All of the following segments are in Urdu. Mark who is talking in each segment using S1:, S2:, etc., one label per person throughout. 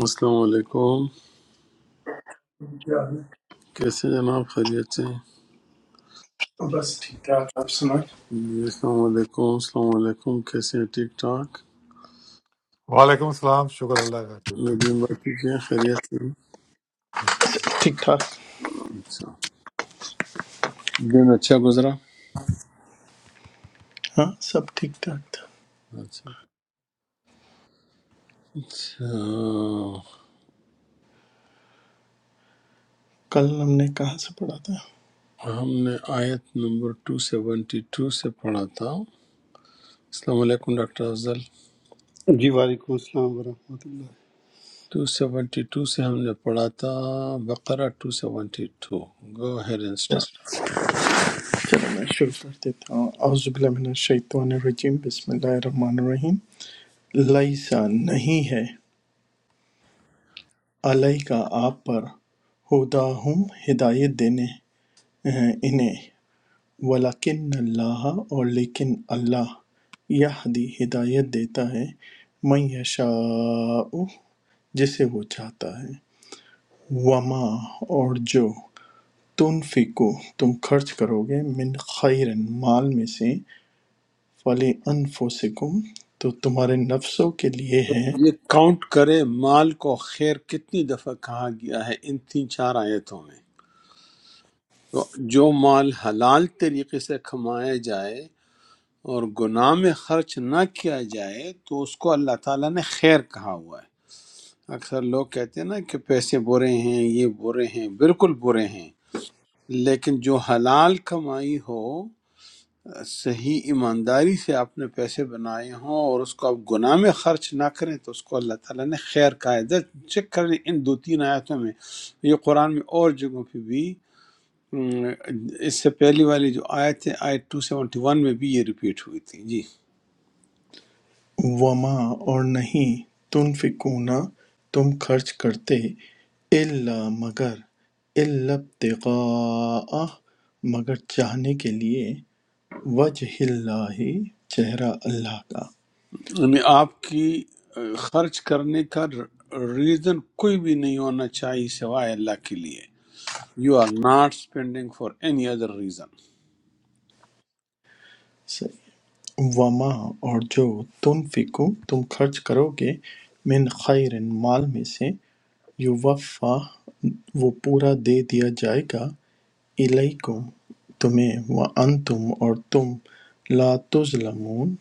S1: السلام علیکم
S2: کیا
S1: کیسے ہیں جناب خیریت سے ہیں؟
S2: ہے؟ بس ٹھیک ٹھاک آپ سنائیں
S1: جی السلام علیکم السلام علیکم کیسے ہیں ٹھیک ٹھاک
S3: وعلیکم السلام شکر اللہ کا ٹھیک تھا
S1: ندیم بھائی ٹھیک ہیں خیریت سے ہیں؟
S3: جی
S2: ٹھیک ٹھاک
S1: اچھا دن اچھا گزرا
S2: ہاں سب ٹھیک ٹھاک تھا
S1: اچھا اچھا،
S2: کل ہم نے کہاں سے پڑھا تھا
S1: ہم نے آیت نمبر 272 سے پڑھا تھا السلام علیکم ڈاکٹر افضل
S4: جی وعلیکم السلام ورحمۃ اللہ
S1: 272 سے ہم نے پڑھا تھا بقرہ 272 گو ہیئر اینڈ اسٹارٹ
S2: چلو میں شروع کر دیتا ہوں اعوذ باللہ من الشیطان الرجیم بسم اللہ الرحمن الرحیم لیسا نہیں ہے علیہ کا آپ پر ہدا ہم ہدایت دینے ہیں انہیں ولیکن اللہ اور لیکن اللہ یہدی ہدایت دیتا ہے من یشاء جسے وہ چاہتا ہے وما اور جو تنفقو تم خرچ کرو گے من خیر مال میں سے فلے انفسکم تو تمہارے نفسوں کے لیے ہے
S1: یہ کاؤنٹ کرے مال کو خیر کتنی دفعہ کہا گیا ہے ان تین چار آیتوں میں جو مال حلال طریقے سے کمایا جائے اور گناہ میں خرچ نہ کیا جائے تو اس کو اللہ تعالیٰ نے خیر کہا ہوا ہے اکثر لوگ کہتے ہیں نا کہ پیسے برے ہیں یہ برے ہیں بالکل برے ہیں لیکن جو حلال کمائی ہو صحیح ایمانداری سے آپ نے پیسے بنائے ہوں اور اس کو آپ گناہ میں خرچ نہ کریں تو اس کو اللہ تعالیٰ نے خیر کہا ہے چیک کر لیں ان دو تین آیتوں میں یہ قرآن میں اور جگہوں پہ بھی ہم، اس سے پہلی والی جو آیت ہے آیت 271 میں بھی یہ ریپیٹ ہوئی تھی جی
S2: وما اور نہیں تنفقون تم خرچ کرتے الا مگر الا ابتغاء مگر چاہنے کے لیے وجہ اللہ چہرہ اللہ کا
S1: یعنی آپ کی آ، خرچ کرنے کا ریزن کوئی بھی نہیں ہونا چاہیے سوائے اللہ کے لیے you are not spending for any other reason
S2: وَمَا اور جو تُنْفِقُوا تم خرچ کرو گے من خیر مال میں سے یوفا وہ پورا دے دیا جائے گا الیکم تمہیں وانتم اور تم لا تظلمون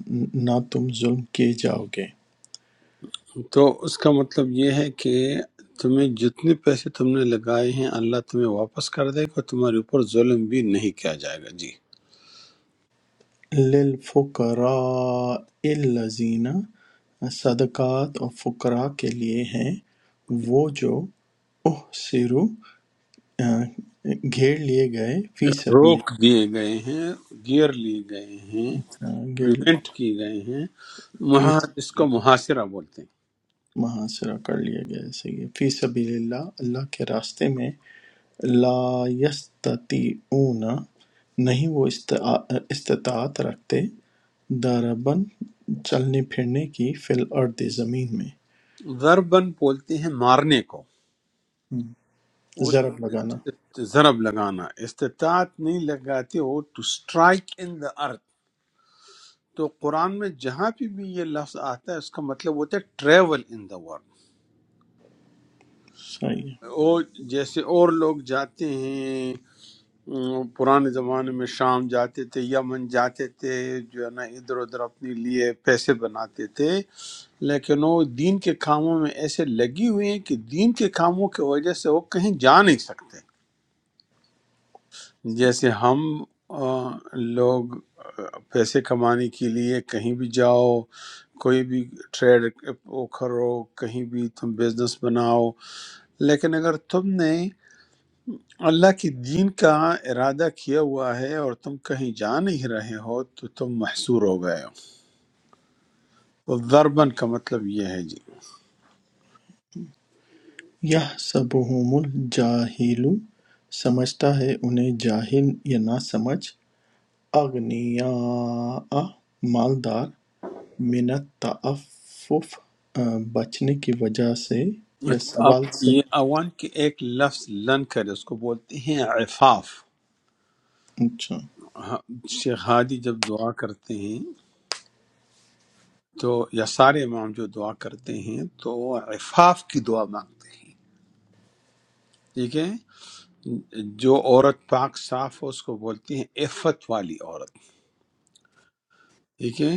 S2: نہ تم ظلم کیے جاؤ گے
S1: تو اس کا مطلب یہ ہے کہ تمہیں جتنے پیسے تم نے لگائے ہیں اللہ تمہیں واپس کر دے گا تمہارے اوپر ظلم بھی نہیں کیا جائے گا جی
S2: للفقراء الذین صدقات اور فقراء کے لیے ہیں وہ جو احسروا آ، گھیر لیے گئے فی سبیل
S1: روک دیے گئے ہیں گیر لیے گئے ہیں
S2: آ، گھیر
S1: پریونٹ کیے گئے ہیں
S2: فی
S1: وہاں اس کو محاصرہ بولتے
S2: محاصرہ کر لیا گیا ہے، صحیح ہے فی سبیل اللہ اللہ کے راستے میں لا یستطیعون نہیں وہ استع- استطاعت رکھتے داربن چلنے پھرنے کی فی الارض زمین میں
S1: ہیں ضربن بولتے ہیں مارنے کو
S2: ہم۔
S1: وہ
S2: ضرب لگانا
S1: ضرب لگانا استطاعت نہیں لگاتے وہ ٹو اسٹرائک ان دا ارتھ تو قرآن میں جہاں پہ بھی یہ لفظ آتا ہے اس کا مطلب ہوتا ہے ٹریول ان دا ورلڈ
S2: صحیح ہے
S1: اور جیسے اور لوگ جاتے ہیں ام، پرانے زمانے میں شام جاتے تھے یمن جاتے تھے جو ہے نا ادھر ادھر اپنے لیے پیسے بناتے تھے لیکن وہ دین کے کاموں میں ایسے لگی ہوئی ہیں کہ دین کے کاموں کی وجہ سے وہ کہیں جا نہیں سکتے جیسے ہم آ، لوگ آ، پیسے کمانے کے لیے کہیں بھی جاؤ کوئی بھی ٹریڈ کرو کہیں بھی تم بزنس بناؤ لیکن اگر تم نے اللہ کے دین کا ارادہ کیا ہوا ہے اور تم کہیں جا نہیں رہے ہو تو تم محصور ہو گئے ہو تو ضربن کا مطلب یہ ہے جی
S2: یہ سبہم الجاہل سمجھتا ہے انہیں جاہل یا نہ سمجھ اغنیا مالدار من التعفف آ، بچنے کی وجہ سے یا
S1: اچھا
S2: سوال
S1: اب
S2: سے
S1: یہ اوان کے ایک لفظ لن کرے اس کو بولتے ہیں عفاف
S2: اچھا
S1: ہاں، شیخ ہادی جب دعا کرتے ہیں تو یا سارے امام جو دعا کرتے ہیں تو عفاف کی دعا مانگتے ہیں ٹھیک ہے جو عورت پاک صاف ہو اس کو بولتی ہیں عفت والی عورت ٹھیک ہے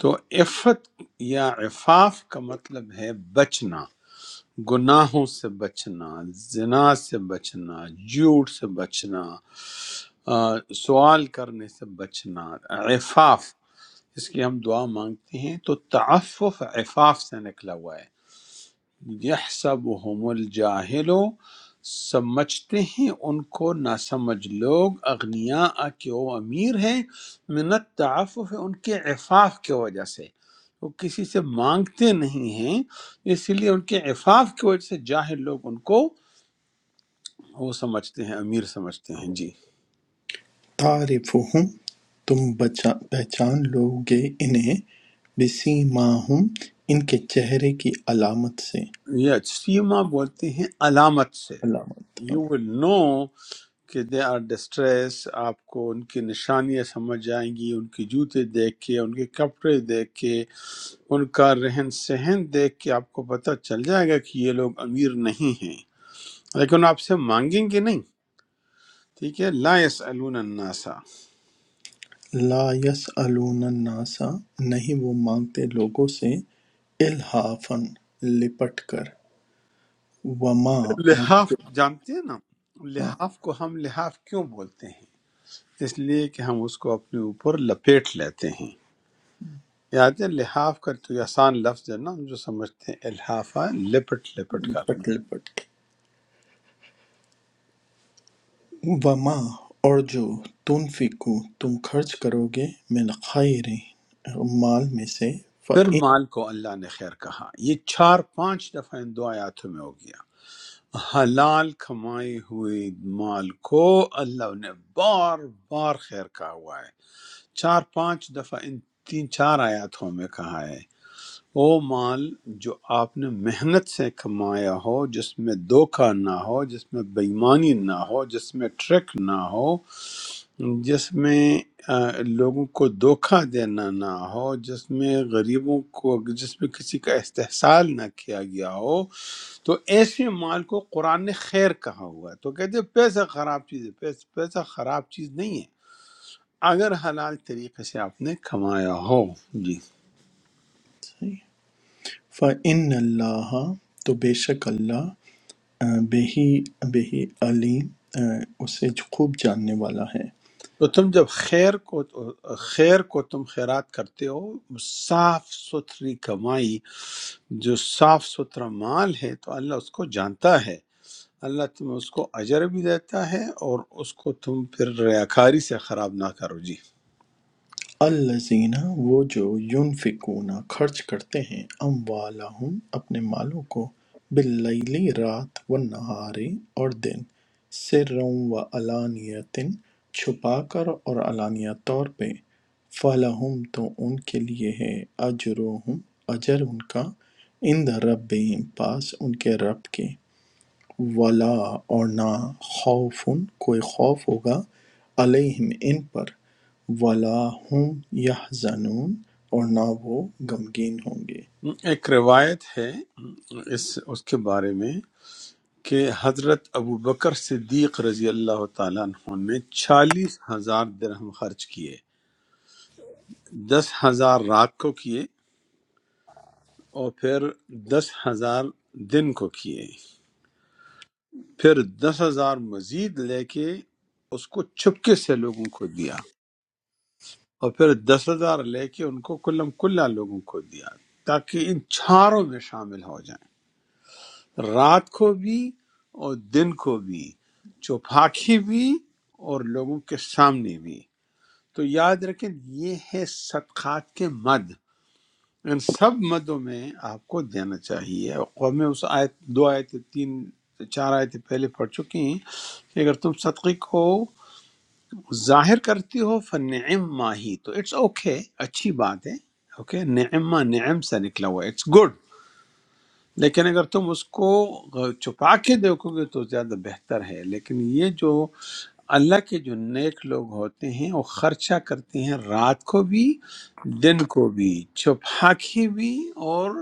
S1: تو عفت یا عفاف کا مطلب ہے بچنا گناہوں سے بچنا زنا سے بچنا جھوٹ سے بچنا آ، سوال کرنے سے بچنا عفاف اس کی ہم دعا مانگتے ہیں تو تعفف عفاف سے نکلا ہوا ہے یحسبهم الجاہل سمجھتے ہیں ان کو نہ سمجھ لوگ اغنیا کہ وہ امیر ہیں منت تعفف ان کے عفاف کی وجہ سے وہ کسی سے مانگتے نہیں ہیں اس لیے ان کے عفاف کی وجہ سے جاہل لوگ ان کو وہ سمجھتے ہیں امیر سمجھتے ہیں جی
S2: تعرفہم تم بچا پہچان لو گے انہیں بسیماہم ان کے چہرے کی علامت سے
S1: یہ سیما بولتے ہیں علامت سے
S2: علامت ہاں۔
S1: یو ول نو کہ دے آر ڈسٹریس آپ کو ان کی نشانیاں سمجھ جائیں گی ان کے جوتے دیکھ کے ان کے کپڑے دیکھ کے ان کا رہن سہن دیکھ کے آپ کو پتہ چل جائے گا کہ یہ لوگ امیر نہیں ہیں لیکن آپ سے مانگیں گے نہیں ٹھیک ہے لا یسألون الناسا
S2: لا یسألون الناس نہیں وہ مانگتے لوگوں سے الحافن لپٹ کر وما اور
S1: لحاف
S2: جو
S1: جانتے ہیں نا
S2: ہاں،
S1: لحاف کو ہم لحاف کیوں بولتے ہیں اس لیے کہ ہم اس کو اپنے اوپر لپیٹ لیتے ہیں یاد ہے لحاف کا تو یہ آسان لفظ ہے نا ہم جو سمجھتے ہیں الحافہ لپٹ لپٹ کر
S2: لپٹ لپٹ وما اور جو تنفقو تم خرچ کرو گے من خیر مال میں سے
S1: پھر
S2: فَإِن
S1: مال کو اللہ نے خیر کہا یہ چار پانچ دفعہ ان دو آیاتوں میں ہو گیا حلال کمائی ہوئی مال کو اللہ نے بار بار خیر کہا ہوا ہے چار پانچ دفعہ ان تین چار آیاتوں میں کہا ہے وہ مال جو آپ نے محنت سے کمایا ہو جس میں دھوکہ نہ ہو جس میں بےمانی نہ ہو جس میں ٹرک نہ ہو جس میں آ، لوگوں کو دھوکہ دینا نہ ہو جس میں غریبوں کو جس میں کسی کا استحصال نہ کیا گیا ہو تو ایسے مال کو قرآن نے خیر کہا ہوا ہے تو کہتے ہیں پیسہ خراب چیز ہے پیسہ, پیسہ خراب چیز نہیں ہے اگر حلال طریقے سے آپ نے کمایا ہو جی
S2: فَإِنَّ اللہ تو بے شک اللہ آ، بے ہی بے ہی علیم آ، اسے جو خوب جاننے والا ہے
S1: تو تم جب خیر کو خیر کو تم خیرات کرتے ہو صاف ستھری کمائی جو صاف ستھرا مال ہے تو اللہ اس کو جانتا ہے اللہ تمہیں اس کو اجر بھی دیتا ہے اور اس کو تم پھر ریاکاری سے خراب نہ کرو جی
S2: الذین وہ جو ینفقون خرچ کرتے ہیں اموالہم اپنے مالوں کو باللیلی رات و نہارے اور دن سروں و علانیتن چھپا کر اور علانیہ طور پہ فلہم تو ان کے لیے ہے اجرہم اجر ان کا عند ربہم پاس ان کے رب کے वला और ना खौफुन कोई खौफ होगा अलैहिम इन पर वला हम यहजनून और ना वो गमगीन होंगे
S1: ایک روایت ہے اس اس کے بارے میں کہ حضرت ابو بکر صدیق رضی اللہ تعالیٰ عنہ نے چالیس ہزار درہم خرچ کیے دس ہزار رات کو کیے اور پھر دس ہزار دن کو کیے پھر دس ہزار مزید لے کے اس کو چپکے سے لوگوں کو دیا اور پھر دس ہزار لے کے ان کو کلم کلا لوگوں کو دیا تاکہ ان چاروں میں شامل ہو جائیں رات کو بھی اور دن کو بھی چوپاکی بھی اور لوگوں کے سامنے بھی تو یاد رکھیں یہ ہے صدقات کے مد ان سب مدوں میں آپ کو دینا چاہیے اور میں اس آیت دو آیت تین چار آیتیں پہلے پڑھ چکی ہیں کہ اگر تم صدقے کو ظاہر کرتی ہو فنعم ما ہی تو اٹس اوکے okay، اچھی بات ہے اوکے نعمہ نعم سے نکلا ہوا اٹس گڈ لیکن اگر تم اس کو چھپا کے دیکھو گے تو زیادہ بہتر ہے لیکن یہ جو اللہ کے جو نیک لوگ ہوتے ہیں وہ خرچہ کرتے ہیں رات کو بھی دن کو بھی چھپا کے بھی اور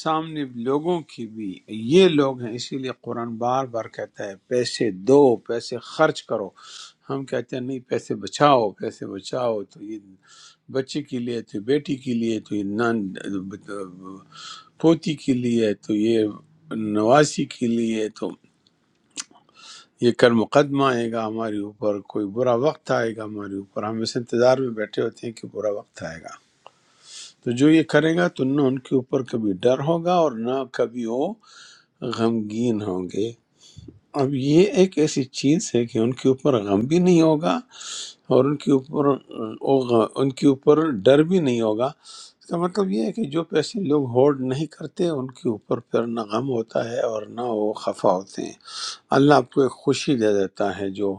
S1: سامنے لوگوں کی بھی یہ لوگ ہیں اسی لیے قرآن بار بار کہتا ہے پیسے دو پیسے خرچ کرو ہم کہتے ہیں نہیں پیسے بچاؤ پیسے بچاؤ تو یہ بچے کے لیے تو بیٹی کے لیے تو یہ نان پوتی کے لیے تو یہ نواسی کے لیے تو یہ کل مقدمہ آئے گا ہمارے اوپر کوئی برا وقت آئے گا ہمارے اوپر ہم اس انتظار میں بیٹھے ہوتے ہیں کہ برا وقت آئے گا تو جو یہ کرے گا تو نہ ان کے اوپر کبھی ڈر ہوگا اور نہ کبھی وہ غمگین ہوں گے اب یہ ایک ایسی چیز ہے کہ ان کے اوپر غم بھی نہیں ہوگا اور ان کے اوپر وہ غ- ان کے اوپر ڈر بھی نہیں ہوگا اس کا مطلب یہ ہے کہ جو پیسے لوگ ہولڈ نہیں کرتے ان کے اوپر پھر نہ غم ہوتا ہے اور نہ وہ خفا ہوتے ہیں اللہ آپ کو ایک خوشی دے دیتا ہے جو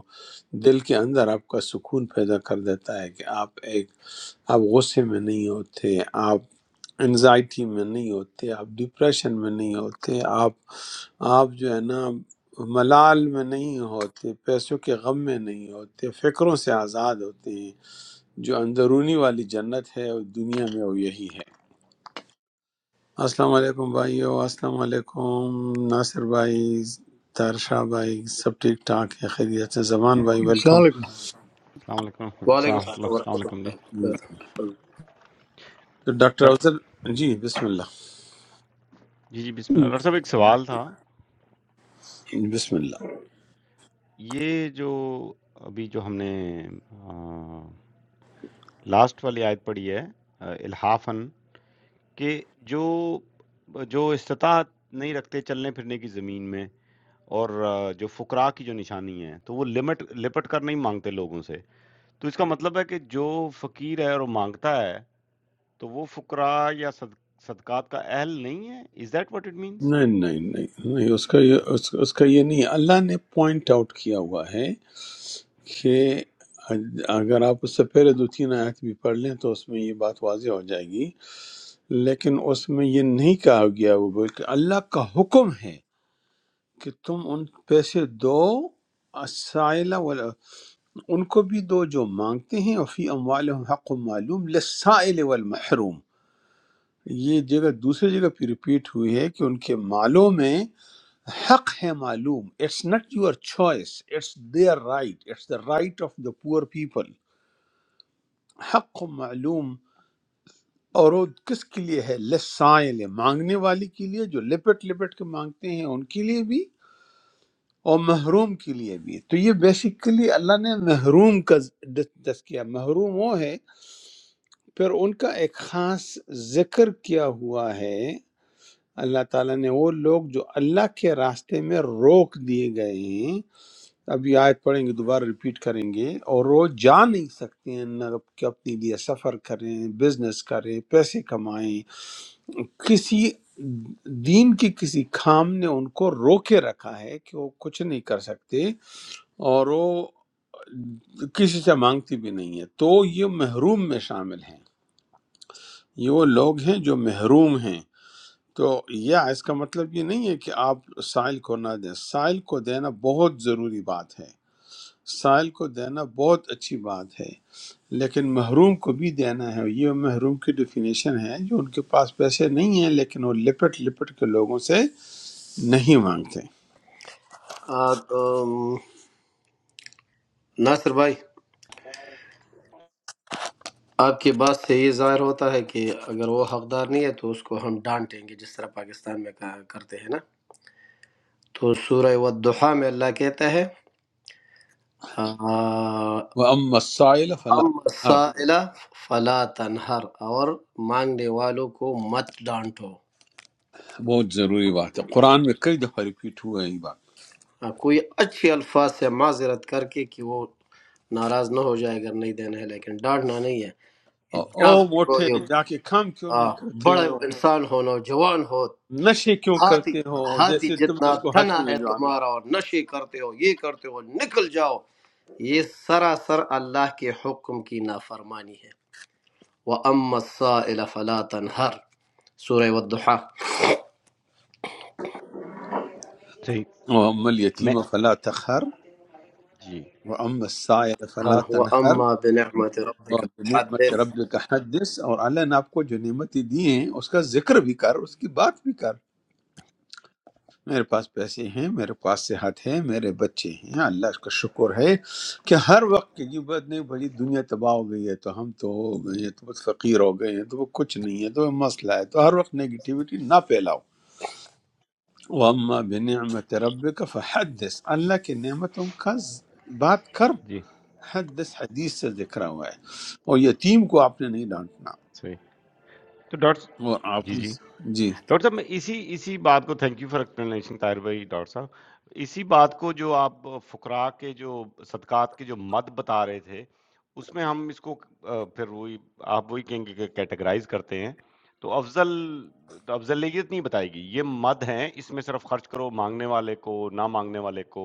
S1: دل کے اندر آپ کا سکون پیدا کر دیتا ہے کہ آپ ایک آپ غصے میں نہیں ہوتے آپ انزائٹی میں نہیں ہوتے آپ ڈپریشن میں نہیں ہوتے آپ آپ جو ہے نا ملال میں نہیں ہوتے پیسوں کے غم میں نہیں ہوتے فکروں سے آزاد ہوتے ہیں جو اندرونی والی جنت ہے اور دنیا میں وہ یہی ہے السلام علیکم بھائیو السلام علیکم ناصر بھائی تارشاہ بھائی سب ٹھیک ٹھاک ہے خیریت سے زبان بھائی ویلکم
S5: Assalamualaikum.
S6: السلام علیکم ورحمۃ اللہ
S7: وعلیکم
S6: ورحمۃ اللہ
S7: السلام
S6: السلام
S7: ورحمۃ
S6: علیکم جی
S7: اللہ وبرکاتہ
S1: تو ڈاکٹر
S6: ڈاک-
S1: افضل جی بسم اللہ
S6: جی جی بسم اللہ ڈاکٹر صاحب ایک سوال تھا
S1: بسم اللہ
S6: یہ جو ابھی جو ہم نے لاسٹ والی آیت پڑھی ہے آ، الحافن کہ جو جو استطاعت نہیں رکھتے چلنے پھرنے کی زمین میں اور آ، جو فقراء کی جو نشانی ہے تو وہ لمٹ لپٹ کر نہیں مانگتے لوگوں سے تو اس کا مطلب ہے کہ جو فقیر ہے اور وہ مانگتا ہے تو وہ فقراء یا صد- صدقات کا اہل نہیں ہے is that what it means
S1: نہیں نہیں نہیں نہیں اس کا یہ اس, اس کا یہ نہیں ہے۔ اللہ نے پوائنٹ آؤٹ کیا ہوا ہے کہ اگر آپ اس سے پہلے دو تین آیت بھی پڑھ لیں تو اس میں یہ بات واضح ہو جائے گی لیکن اس میں یہ نہیں کہا گیا وہ کہ اللہ کا حکم ہے کہ تم ان پیسے دو السائل وال- ان کو بھی دو جو مانگتے ہیں اور فی اموالہم حق معلوم للسائل والمحروم یہ جگہ دوسری جگہ پہ ریپیٹ ہوئی ہے کہ ان کے مالوں میں حق ہے معلوم it's not your choice it's their right it's the right of the poor people حق و معلوم اور وہ کس کے لیے ہے لسائل مانگنے والے کے لیے جو لپٹ لپٹ کے مانگتے ہیں ان کے لیے بھی اور محروم کے لیے بھی تو یہ بیسیکلی اللہ نے محروم کا ذ- تذکیہ محروم وہ ہے پھر ان کا ایک خاص ذکر کیا ہوا ہے اللہ تعالیٰ نے وہ لوگ جو اللہ کے راستے میں روک دیے گئے ہیں اب یہ آیت پڑھیں گے دوبارہ ریپیٹ کریں گے اور وہ جا نہیں سکتے ہیں نہ کہ اپنے لیے سفر کریں بزنس کریں پیسے کمائیں کسی دین کے کسی کام نے ان کو رو کے رکھا ہے کہ وہ کچھ نہیں کر سکتے اور وہ کسی سے مانگتی بھی نہیں ہے تو یہ محروم میں شامل ہیں یہ وہ لوگ ہیں جو محروم ہیں تو یا اس کا مطلب یہ نہیں ہے کہ آپ سائل کو نہ دیں سائل کو دینا بہت ضروری بات ہے سائل کو دینا بہت اچھی بات ہے لیکن محروم کو بھی دینا ہے یہ محروم کی ڈیفینیشن ہے جو ان کے پاس پیسے نہیں ہیں لیکن وہ لپٹ لپٹ کے لوگوں سے نہیں مانگتے
S7: آ، ام، ناصر بھائی آپ کی بات سے یہ ظاہر ہوتا ہے کہ اگر وہ حقدار نہیں ہے تو اس کو ہم ڈانٹیں گے جس طرح پاکستان میں کا- کرتے ہیں نا تو سورہ والضحا میں اللہ کہتا ہے آ،
S1: وہ ام مسائل فلا
S7: ام
S1: تنہر
S7: سائلہ فلا تنہر اور مانگنے والوں کو مت ڈانٹو
S1: بہت ضروری بات ہے قرآن میں کئی دفعہ ریپیٹ ہوا ہے یہ بات
S7: آ، کوئی اچھے الفاظ سے معذرت کر کے کہ وہ ناراض نہ ہو جائے اگر نہیں دینا ہے لیکن ڈانٹنا نہیں ہے کہ جا
S1: او
S7: بے
S1: موٹے
S7: گو
S1: جا کے کام کیوں
S7: آ،
S1: نہیں کرتے
S7: بڑا
S1: ہو
S7: انسان ہو نوجوان ہو
S1: نشے کیوں
S7: ہاتھی
S1: کرتے ہو
S7: ہاتھی
S1: جیسے تم نے
S7: جتنا
S1: اس کو حج پہ
S7: تنا ہے
S1: بھجوانا
S7: تمہارا اور نشے کرتے ہو یہ کرتے ہو نکل جاؤ یہ سراسر اللہ کے حکم کی نافرمانی ہے وَأَمَّا السَّائِلَ فَلَا تَنْهَرْ سورہ والضحا
S6: صحیح
S1: ہے وہ ام
S6: میں
S1: الیتیم فلا تخر
S6: جی
S1: وہ ام السائل فلا
S7: ہر هو
S1: تنہر
S7: اما بنعمت ربک
S1: نعمت
S7: حدث
S1: رب کا حدث اور اللہ نے آپ کو جو نعمتیں دی ہیں اس کا ذکر بھی کر اس کی بات بھی کر میرے پاس پیسے ہیں میرے پاس صحت ہے میرے بچے ہیں اللہ کا شکر ہے کہ ہر وقت کی بات نہیں بھائی دنیا تباہ ہو گئی ہے تو ہم تو ہو گئے ہیں تو بہت فقیر ہو گئے ہیں تو وہ کچھ نہیں ہے تو وہ مسئلہ ہے تو ہر وقت نگیٹیوٹی نہ پھیلاؤ وَأَمَّا بِنِعْمَةِ رَبِّكَ فَحَدِّثْ اللہ کی نعمتوں کا ز- بات کر
S6: جی،
S1: حدث حدیث سے ذکر ہوا ہے اور یتیم کو آپ نے نہیں ڈانٹنا
S6: صحیح۔ تو
S1: اور
S6: ڈاکٹر
S1: آپ
S6: جی، جی۔ ڈاکٹر
S1: جی
S6: صاحب میں اسی اسی بات کو thank you for explanation Tahir بھائی ڈاکٹر صاحب، اسی بات کو جو آپ فقراء کے جو صدقات کے جو مد بتا رہے تھے، اس میں ہم اس کو آ، پھر وہی آپ وہی کہیں گے کہ کیٹیگرائز کرتے ہیں، تو افضل افضلیت نہیں بتائے گی، یہ مد ہیں، اس میں صرف خرچ کرو مانگنے والے کو، نہ مانگنے والے کو،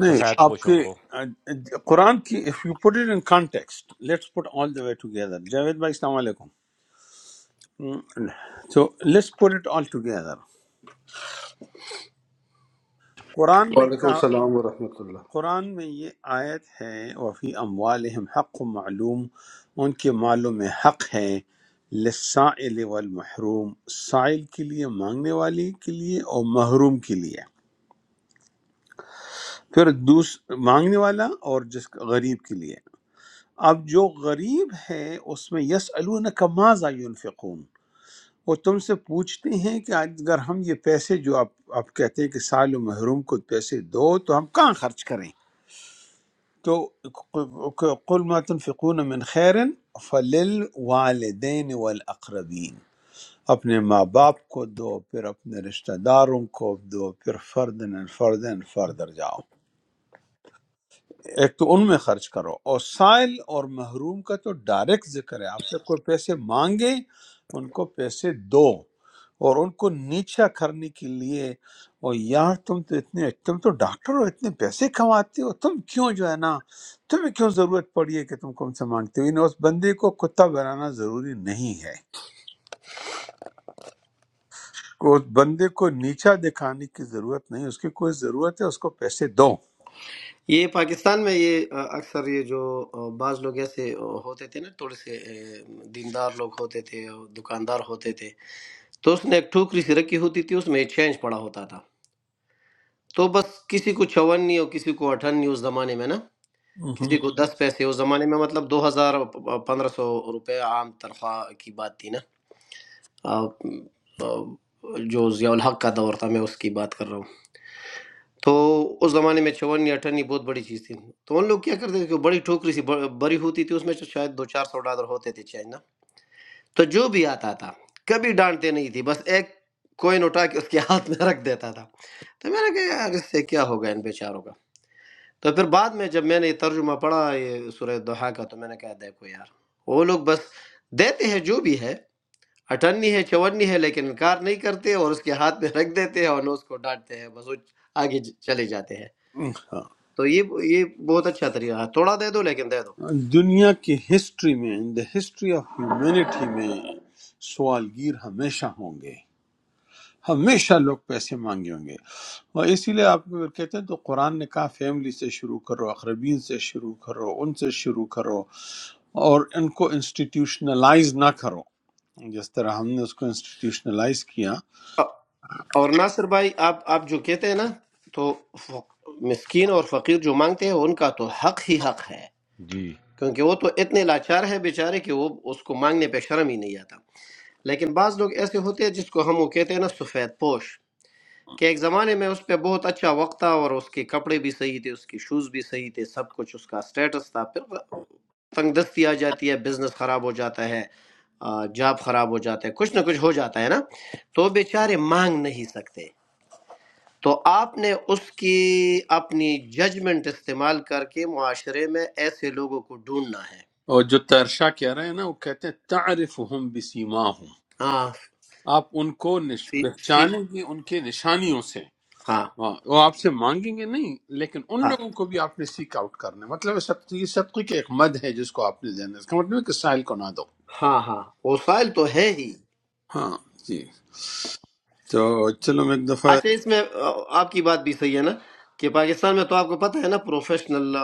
S1: نہیں
S6: سفید
S1: آپ کے
S6: پوشوں کو۔
S1: قرآن کی if you put it in context let's put all the way together Javed بھائی السلام علیکم ہم، تو let's put it all together قرآن نے
S8: وعلیکم
S1: کہا
S8: السلام ورحمۃ اللہ
S1: قرآن میں یہ آیت ہے وفی اموالہم حق معلوم ان کے مالوں میں حق ہے للسائل والمحروم سائل کے لیے مانگنے والے کے لیے اور محروم کے لیے پھر دوس مانگنے والا اور جس غریب کے لیے اب جو غریب ہے اس میں یس الونکا ماذا ینفقون وہ تم سے پوچھتے ہیں کہ آج اگر ہم یہ پیسے جو آپ آپ کہتے ہیں کہ سال و محروم کو پیسے دو تو ہم کہاں خرچ کریں تو قل ما تنفقون من خیر فلل والدین والاقربین اپنے ماں باپ کو دو پھر اپنے رشتہ داروں کو دو پھر فردن فردن فردر جاؤ ایک تو ان میں خرچ کرو اور سائل اور محروم کا تو ڈائریکٹ ذکر ہے آپ سے کوئی پیسے مانگے ان کو پیسے دو اور ان کو نیچا کرنے کے لیے اور یار تم تو اتنے تم تو ڈاکٹر ہو اتنے پیسے کماتے ہو تم کیوں جو ہے نا تمہیں کیوں ضرورت پڑی ہے کہ تم کو ہم سے مانگتے ہو یعنی اس بندے کو کتا بنانا ضروری نہیں ہے کو- اس بندے کو نیچا دکھانے کی ضرورت نہیں اس کی کوئی ضرورت ہے اس کو پیسے دو
S7: یہ پاکستان میں یہ آ، اکثر یہ جو آ، بعض لوگ ایسے آ، ہوتے تھے نا تھوڑے سے آ، دیندار لوگ ہوتے تھے آ، دکاندار ہوتے تھے تو اس نے ایک ٹھوکری سی رکھی ہوتی تھی اس میں چینج پڑا ہوتا تھا تو بس کسی کو چونی اور کسی کو اٹھنی اس زمانے میں نا
S1: ہوں
S7: کسی کو دس پیسے اس زمانے میں مطلب دو ہزار پندرہ سو روپے عام تنخواہ کی بات تھی نا آ، آ، جو ضیاء الحق کا دور تھا میں اس کی بات کر رہا ہوں تو اس زمانے میں چونی اٹھنی بہت بڑی چیز تھی تو ان لوگ کیا کرتے تھے کہ بڑی ٹھوکری سی بڑ- بری ہوتی تھی اس میں شاید دو چار سو ڈالر ہوتے تھے چینج نا تو جو بھی آتا تھا کبھی ڈانٹتے نہیں تھی بس ایک کوئن اٹھا کے اس کے ہاتھ میں رکھ دیتا تھا تو میں نے کہا یار اس سے کیا ہوگا ان بیچاروں کا تو پھر بعد میں جب میں نے یہ ترجمہ پڑھا یہ سورہ دوحہ کا تو میں نے کہا دیکھو یار وہ لوگ بس دیتے ہیں جو بھی ہے اٹھنی ہے چونی ہے لیکن انکار نہیں کرتے اور اس کے ہاتھ میں رکھ دیتے ہیں اور نہ اس کو ڈانٹتے ہیں بس وہ آگے چلے جاتے ہیں
S1: ہوں۔
S7: تو یہ یہ بہت اچھا طریقہ ہے تھوڑا دے دو لیکن دے دو
S1: دنیا کی ہسٹری میں in the history of humanity میں سوال گیر ہمیشہ ہوں گے ہمیشہ لوگ پیسے مانگے ہوں گے اور اسی لیے آپ کو کہتے ہیں تو قرآن نے کہا فیملی سے شروع کرو اقربین سے شروع کرو ان سے شروع کرو اور ان کو انسٹیٹیوشنلائز نہ کرو جس طرح ہم نے اس کو انسٹیٹیوشنلائز کیا
S7: اور ناصر بھائی آپ آپ جو کہتے ہیں نا تو فق- مسکین اور فقیر جو مانگتے ہیں ان کا تو حق ہی حق ہے
S6: جی،
S7: کیونکہ وہ تو اتنے لاچار ہے بیچارے کہ وہ اس کو مانگنے پہ شرم ہی نہیں آتا لیکن بعض لوگ ایسے ہوتے ہیں جس کو ہم وہ کہتے ہیں نا سفید پوش کہ ایک زمانے میں اس پہ بہت اچھا وقت تھا اور اس کے کپڑے بھی صحیح تھے اس کے شوز بھی صحیح تھے سب کچھ اس کا سٹیٹس تھا پھر تنگ دستی آ جاتی ہے بزنس خراب ہو جاتا ہے آ، جاب خراب ہو جاتا ہے کچھ نہ کچھ ہو جاتا ہے نا تو بیچارے مانگ نہیں سکتے تو آپ نے اس کی اپنی ججمنٹ استعمال کر کے معاشرے میں ایسے لوگوں کو ڈھونڈنا ہے
S1: اور جو ترشا کہہ رہے ہیں نا وہ کہتے ہیں تعارف ہم بسیما ہوں
S7: ہاں
S1: آپ ان کو نش-
S7: سی سی
S1: پہچانیں گے ان کے نشانیوں سے
S7: ہاں
S1: ہاں، وہ آپ سے مانگیں گے نہیں لیکن ان
S7: ہاں
S1: لوگوں کو بھی آپ نے سیک آؤٹ کرنا ہے۔ مطلب ہے صدقے یہ صدقے کے ایک مد ہے جس کو آپ نے دینا ہے۔ اس کا مطلب ہے کہ سائل کو نہ دو
S7: ہاں ہاں وسائل تو ہے ہی
S1: ہاں جی تو چلو میں ایک دفعہ
S7: اچھا اس میں آ، آپ کی بات بھی صحیح ہے نا کہ پاکستان میں تو آپ کو پتہ ہے نا پروفیشنل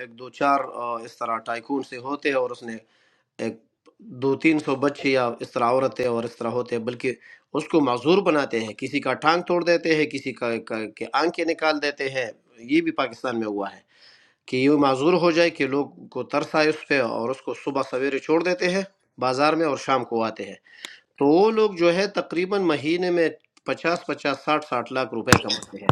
S7: ایک دو چار آ، اس طرح ٹائکون سے ہوتے ہیں اور اس نے ایک دو تین سو بچے یا اس طرح عورتیں اور اس طرح ہوتے ہیں بلکہ اس کو معذور بناتے ہیں کسی کا ٹانگ توڑ دیتے ہیں کسی کا کا- کے آنکھیں نکال دیتے ہیں یہ بھی پاکستان میں ہوا ہے کہ یہ معذور ہو جائے کہ لوگ کو ترس آئے اس پہ اور اس کو صبح سویرے چھوڑ دیتے ہیں بازار میں اور شام کو آتے ہیں تو وہ لوگ جو ہے تقریباً مہینے میں پچاس پچاس ساٹھ ساٹھ لاکھ روپے کماتے ہیں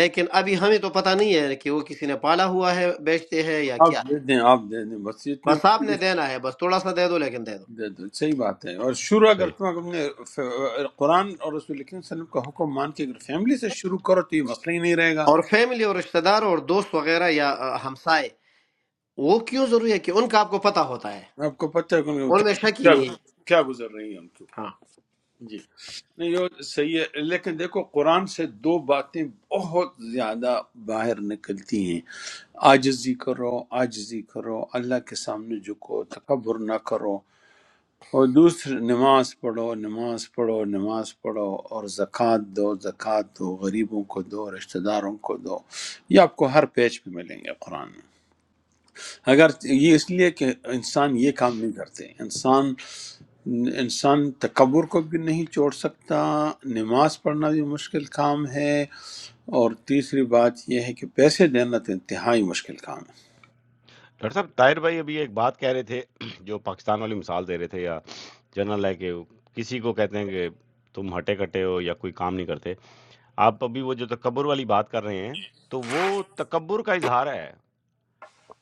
S7: لیکن ابھی ہمیں تو پتہ نہیں ہے کہ وہ کسی نے پالا ہوا ہے بیچتے ہیں یا
S1: آپ
S7: کیا
S1: دے
S7: ہے
S1: دیں آپ دے دیں بس یہ اتنی
S7: بس آپ
S1: مشکل
S7: نے دینا ہے بس تھوڑا سا دے دو لیکن دے دو
S1: دے دو صحیح بات ہے اور شروع
S6: صحیح۔
S1: اگر تم اپنے ف- قرآن اور رسول اللہ صلی اللہ علیہ وسلم کا حکم مان کے اگر فیملی سے شروع کرو تو یہ مسئلہ ہی نہیں رہے گا
S7: اور فیملی اور رشتہ دار اور دوست وغیرہ یا آ، ہمسائے وہ کیوں ضروری ہے کہ ان کا آپ کو پتہ ہوتا ہے
S1: آپ کو پتہ ہے کہ ان کو
S7: ان
S1: کیا
S7: میں شک ہی
S1: کیا
S7: نہیں ہے۔
S1: گزر کیا گزر رہی ہے ان کی
S7: ہاں
S1: جی نہیں یہ صحیح ہے لیکن دیکھو قرآن سے دو باتیں بہت زیادہ باہر نکلتی ہیں آجزی کرو آجزی کرو اللہ کے سامنے جھکو تکبر نہ کرو اور دوسرے نماز پڑھو نماز پڑھو نماز پڑھو اور زکوٰۃ دو زکوٰۃ دو غریبوں کو دو رشتہ داروں کو دو یہ آپ کو ہر پیج پہ ملیں گے قرآن میں اگر یہ اس لیے کہ انسان یہ کام نہیں کرتے انسان انسان تکبر کو بھی نہیں چھوڑ سکتا نماز پڑھنا بھی مشکل کام ہے اور تیسری بات یہ ہے کہ پیسے دینا تو انتہائی مشکل کام ہے
S6: ڈاکٹر صاحب طاہر بھائی ابھی ایک بات کہہ رہے تھے جو پاکستان والی مثال دے رہے تھے یا جنرل ہے کہ کسی کو کہتے ہیں کہ تم ہٹے کٹے ہو یا کوئی کام نہیں کرتے آپ ابھی وہ جو تکبر والی بات کر رہے ہیں تو وہ تکبر کا اظہار ہے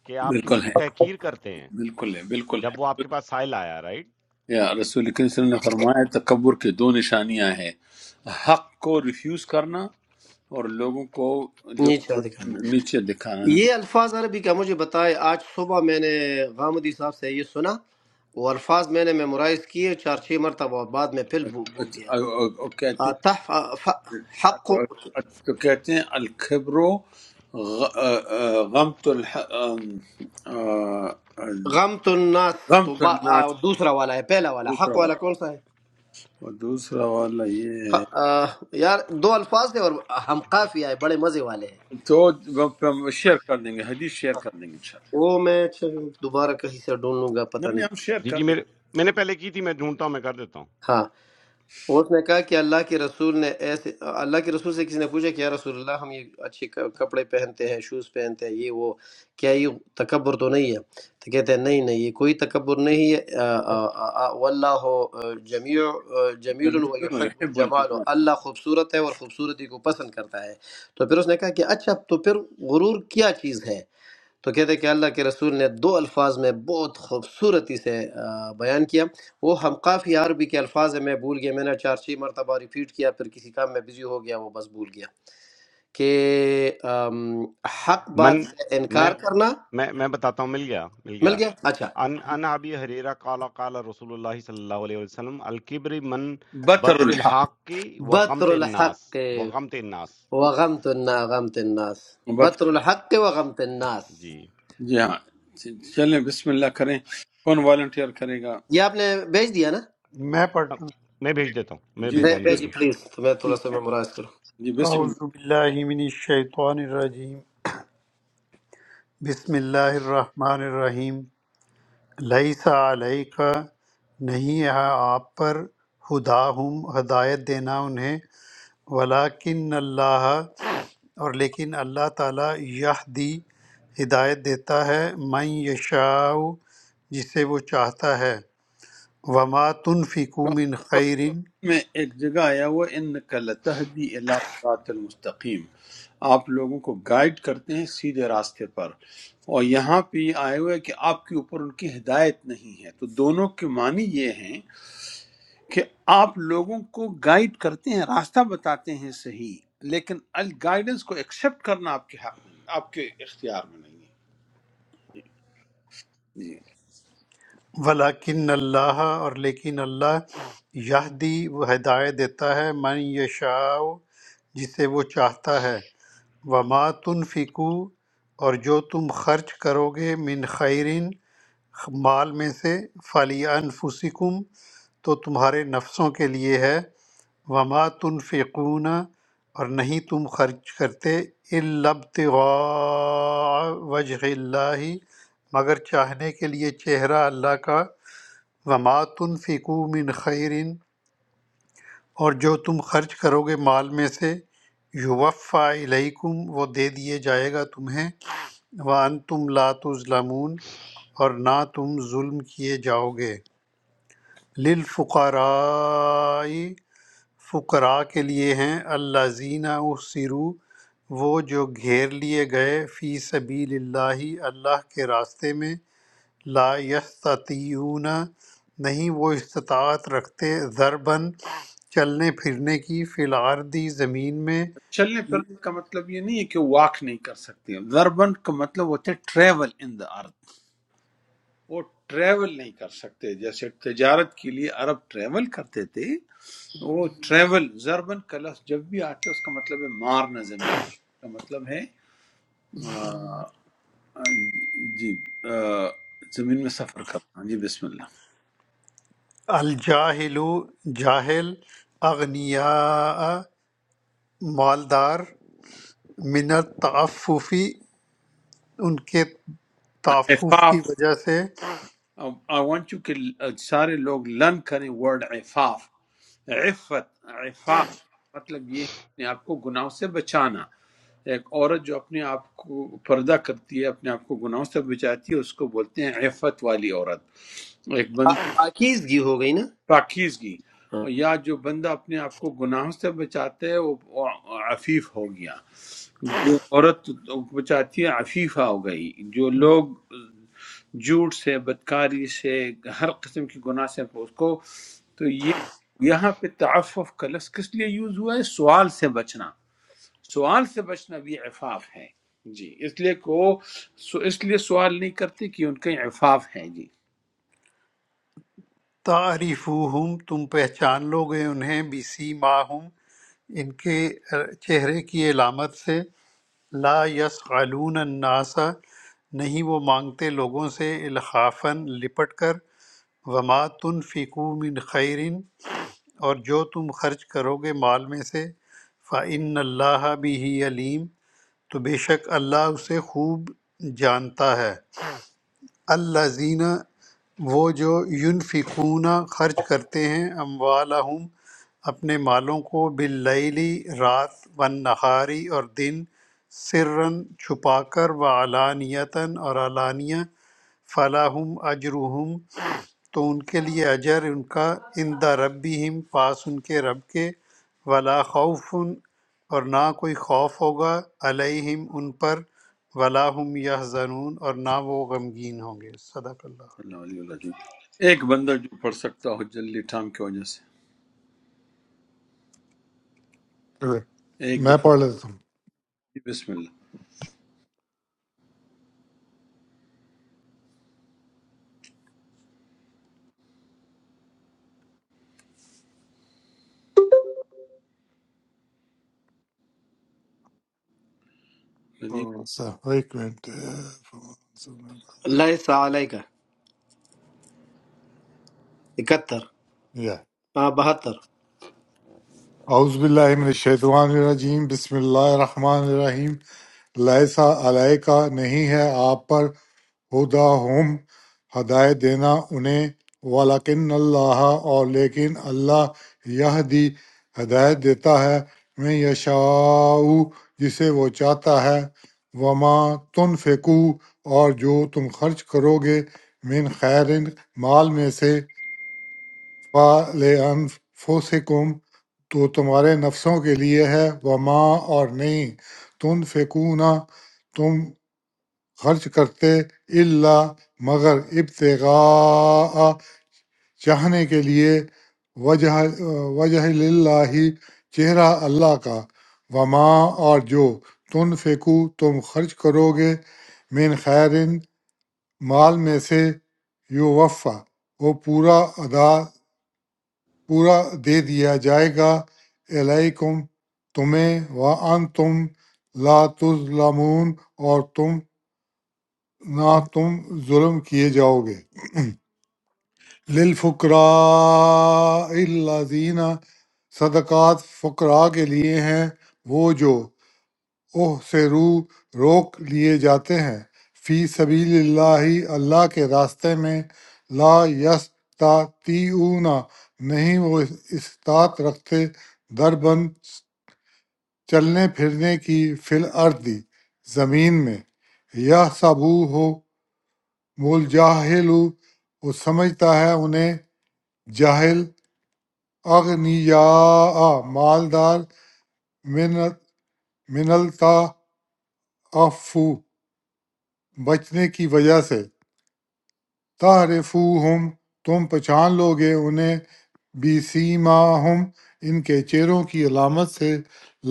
S6: کہ آپ کسی
S1: بالکل
S6: کی
S1: ہے
S6: تحقیر کرتے ہیں
S1: بالکل ہے بالکل
S6: جب وہ آپ
S1: ہے
S6: کے پاس سائل آیا رائٹ
S1: یا رسول کریم صلی اللہ علیہ وسلم نے فرمایا تکبر کے دو نشانیاں ہیں حق کو ریفیوز کرنا اور لوگوں کو
S7: نیچے
S1: لوگوں
S7: ادھکار میں
S1: کو نیچے دکھانا
S7: یہ الفاظ عربی کا مجھے بتائے آج صبح میں نے غامدی صاحب سے یہ سنا وہ الفاظ میں نے میمورائز کیے چار چھ مرتبہ اور بعد میں پھر بھو- بھول گیا
S1: اور کہتے ہیں
S7: آ، تح- آ، ف- حق
S1: التكاتين الكبر غ- آه، آه، غمط الح- آم، آه،
S7: غمت الناس تو
S1: غمط
S7: با- آ،
S1: الناس
S7: دوسرا والا ہے پہلا والا
S1: दूसरा
S7: حق
S1: वाला
S7: والا کون سا ہے
S1: और दूसरा वाला ये है।
S7: ف- آ، یار دو الفاظ تھے اور ہم قافیہ ہے بڑے مزے والے ہیں
S1: तो ब- ब- शेयर कर देंगे हदीस शेयर कर देंगे इंशाल्लाह
S7: وہ میں اچھا دوبارہ کہیں سے ڈھونڈ لوں گا پتہ
S1: नहीं नहीं,
S7: نہیں
S1: हम शेयर
S6: جی
S1: कर
S6: جی میرے
S1: देंगे
S6: میں نے پہلے کی تھی میں ڈھونڈتا ہوں میں کر دیتا ہوں
S7: ہاں وہ اس نے کہا کہ اللہ کے رسول نے ایسے اللہ کے رسول سے کسی نے پوچھا کہ یا رسول اللہ ہم یہ اچھے ک- کپڑے پہنتے ہیں شوز پہنتے ہیں یہ وہ کیا یہ تکبر تو نہیں ہے تو کہتے ہیں نہیں نہیں یہ کوئی تکبر نہیں ہے آ، آ، آ، آ، واللہ جمیع جمیل و یحب
S1: يحب
S7: الجمال
S1: الإيمان.
S7: اللہ خوبصورت ہے اور خوبصورتی کو پسند کرتا ہے تو پھر اس نے کہا کہ اچھا تو پھر غرور کیا چیز ہے تو کہتے کہ اللہ کے رسول نے دو الفاظ میں بہت خوبصورتی سے آ، بیان کیا وہ ہم قافی عربی کے الفاظ ہیں میں بھول گیا میں نے چار چھ مرتبہ ریپیٹ کیا پھر کسی کام میں بزی ہو گیا وہ بس بھول گیا کہ آم، حق بات
S6: من
S7: سے
S6: میں
S7: انکار کرنا
S6: میں میں بتاتا ہوں مل گیا مل
S7: مل
S6: گیا
S7: گیا اچھا
S6: ان ان ابی حریرہ قال قال رسول اللہ صلی اللہ علیہ وسلم الکبر من
S1: बतर
S6: بطر
S1: الحق
S6: الحق کی
S7: بطر
S6: وغمت الناس
S7: الحق
S6: وغمت الناس
S7: وغمت النا- غمت الناس
S1: बत
S7: بطر
S6: جی
S7: الحق وغمت الناس
S6: جی
S1: जी हाँ चलें बिस्मिल्लाह करें कौन वॉलंटियर करेगा
S7: یہ آپ نے بھیج دیا نا
S4: میں پڑھتا ہوں
S6: میں بھیج دیتا ہوں میں
S1: जी
S7: بھے-
S6: بھیجا نہیں ہے
S1: बिस-
S7: بھیجی
S6: ابھی
S7: پلیز تو میں تھوڑا سا میمورائز کروں
S1: जी
S4: اعوذ باللہ من الشیطان الرجیم بسم اللہ الرحمن الرحیم لیس علیک نہیں ہے آپ پر ہداہم ہدایت دینا انہیں ولیکن اللہ اور لیکن اللہ تعالیٰ یہدی ہدایت دیتا ہے من یشاء جسے وہ چاہتا ہے وما تنفقوا من
S1: बिस्मिल्लाह
S4: خیر
S1: میں ایک جگہ آیا ہوا ان لتہدی الی صراط المستقیم آپ لوگوں کو گائیڈ کرتے ہیں سیدھے راستے پر اور یہاں پہ یہ آئے ہوئے کہ آپ کے اوپر ان کی ہدایت نہیں ہے تو دونوں کے معنی یہ ہیں کہ آپ لوگوں کو گائیڈ کرتے ہیں راستہ بتاتے ہیں صحیح لیکن الگائیڈنس کو ایکسیپٹ کرنا آپ کے حق میں آپ کے اختیار میں نہیں ہے جی
S4: ولاکن اللہ اور لیکن اللہ یہدی وہ ہدایت دیتا ہے من یشاء جسے وہ چاہتا ہے وما تنفقو اور جو تم خرچ کرو گے من خیرن مال میں سے فلی انفسکم تو تمہارے نفسوں کے لیے ہے وما تنفقون اور نہیں تم خرچ کرتے الا ابتغاء وجہ اللہ مگر چاہنے کے لیے چہرہ اللہ کا وما تنفقو من خیر اور جو تم خرچ کرو گے مال میں سے یوفا الیکم وہ دے دیے جائے گا تمہیں وانتم لا تظلمون اور نہ تم ظلم کیے جاؤ گے للفقراء فقراء کے لیے ہیں الذین احصروا وہ جو گھیر لیے گئے فی سبیل اللہ اللہ کے راستے میں لا یستطیعون نہیں وہ استطاعت رکھتے ضربن چلنے پھرنے کی فی الارضی زمین میں
S1: چلنے پھرنے کا مطلب یہ نہیں ہے کہ واک نہیں کر سکتے ضربن کا مطلب ہوتا ہے ٹریول ان دا ارتھ وہ ٹریول نہیں کر سکتے جیسے تجارت کے لیے عرب ٹریول کرتے تھے وہ ٹریول ضربن کا لفظ جب بھی آتا ہے اس کا مطلب ہے مارنا زمین اس کا مطلب ہے آ، جی آ، زمین میں سفر کرنا جی بسم اللہ
S4: الجاہل جاہل اغنیاء مالدار من التعففی ان کے تعفف کی
S1: عفاف
S4: وجہ سے
S1: آئی وانٹ یو کہ سارے لوگ لرن کریں ورڈ عفاف عفت عفاف مطلب یہ ہے اپنے آپ کو گناہوں سے بچانا ایک عورت جو اپنے آپ کو پردہ کرتی ہے اپنے آپ کو گناہوں سے بچاتی ہے اس کو بولتے ہیں عفت والی عورت ایک
S7: پا-
S1: بندہ
S7: پاکیزگی ہو گئی نا
S1: پاکیزگی
S7: ہاں،
S1: اور یا جو بندہ اپنے آپ کو گناہوں سے بچاتا ہے وہ وہ عفیف ہو گیا جو عورت بچاتی ہے عفیفہ ہو گئی جو لوگ جھوٹ سے بدکاری سے ہر قسم کی گناہ سے اس کو تو یہ یہاں پہ تعفف کا لفظ کس لیے یوز ہوا ہے سوال سے بچنا سوال سے بچنا بھی عفاف ہے جی اس لیے کو سو اس لیے سوال نہیں کرتے کہ ان کا یہ عفاف ہے جی
S4: تعریفوہم تم پہچان لو گے انہیں بسی ماہم ان کے چہرے کی علامت سے لا یسعلون الناس نہیں وہ مانگتے لوگوں سے الخافاً لپٹ کر وما تنفقوا من خیرن اور جو تم خرچ کرو گے مال میں سے فَإِنَّ اللَّهَ بِهِ علیم تو بے شک اللہ اسے خوب جانتا ہے اللہ زینہ وہ جو ینفقون خرچ کرتے ہیں اموالہم اپنے مالوں کو باللیلی رات والنہاری اور دن سرن چھپا کر و علانیتاً اور علانیہ فلاحم اجرہم تو ان کے لیے اجر ان کا عند ربہم پاس ان کے رب کے ولا خوف اور نہ کوئی خوف ہوگا علیہم ان پر ولا ہم یحزنون اور نہ وہ غمگین ہوں گے صدق اللہ
S1: اللہ علیہ وسلم ایک بندہ جو پڑھ سکتا ہو جلدی ٹھام کی وجہ سے
S3: شکر۔
S1: ایک
S3: میں
S1: دفعہ
S3: پڑھ لیتا
S1: بسم اللہ
S3: ہوں سر، ایک منٹ
S7: لیس علیہ اکہتر
S3: یا
S7: ہاں بہتر
S3: اعوذ باللہ من الشیطان الرجیم بسم اللہ الرحمن الرحیم لیسا علیہ کا نہیں ہے آپ پر ہدا ہم ہدایت دینا انہیں ولاکن اللہ اور لیکن اللہ یہ دی ہدایت دیتا ہے میں یشاؤ جسے وہ چاہتا ہے وما تن فیکو اور جو تم خرچ کرو گے من خیر مال میں سے فوسکم تو تمہارے نفسوں کے لیے ہے وما اور نہیں تن فیکونا تم خرچ کرتے اللہ مگر ابتغاء چاہنے کے لیے وجہ وجہ اللہ چہرہ اللہ کا وما اور جو تم فیکو تم خرچ کرو گے من خیرن مال میں سے یو وفا وہ پورا ادا پورا دے دیا جائے گا علیکم تمہیں و ان تم لا تظلمون اور تم نہ تم ظلم کیے جاؤ گے للفقراء الذین صدقات فقراء کے لیے ہیں وہ جو اوہ سے رو روک لیے جاتے ہیں فی سبیل اللہ اللہ کے راستے میں لا یستطیعون نہیں وہ استطاعت رکھتے دربند چلنے پھرنے کی فی الارض زمین میں یہ سبو ہو بول جاہل وہ سمجھتا ہے انہیں جاہل اغنیا مالدار من من التعفف بچنے کی وجہ سے تعرفوہم تم پہچان لو گے انہیں بی سیماہم ان کے چہروں کی علامت سے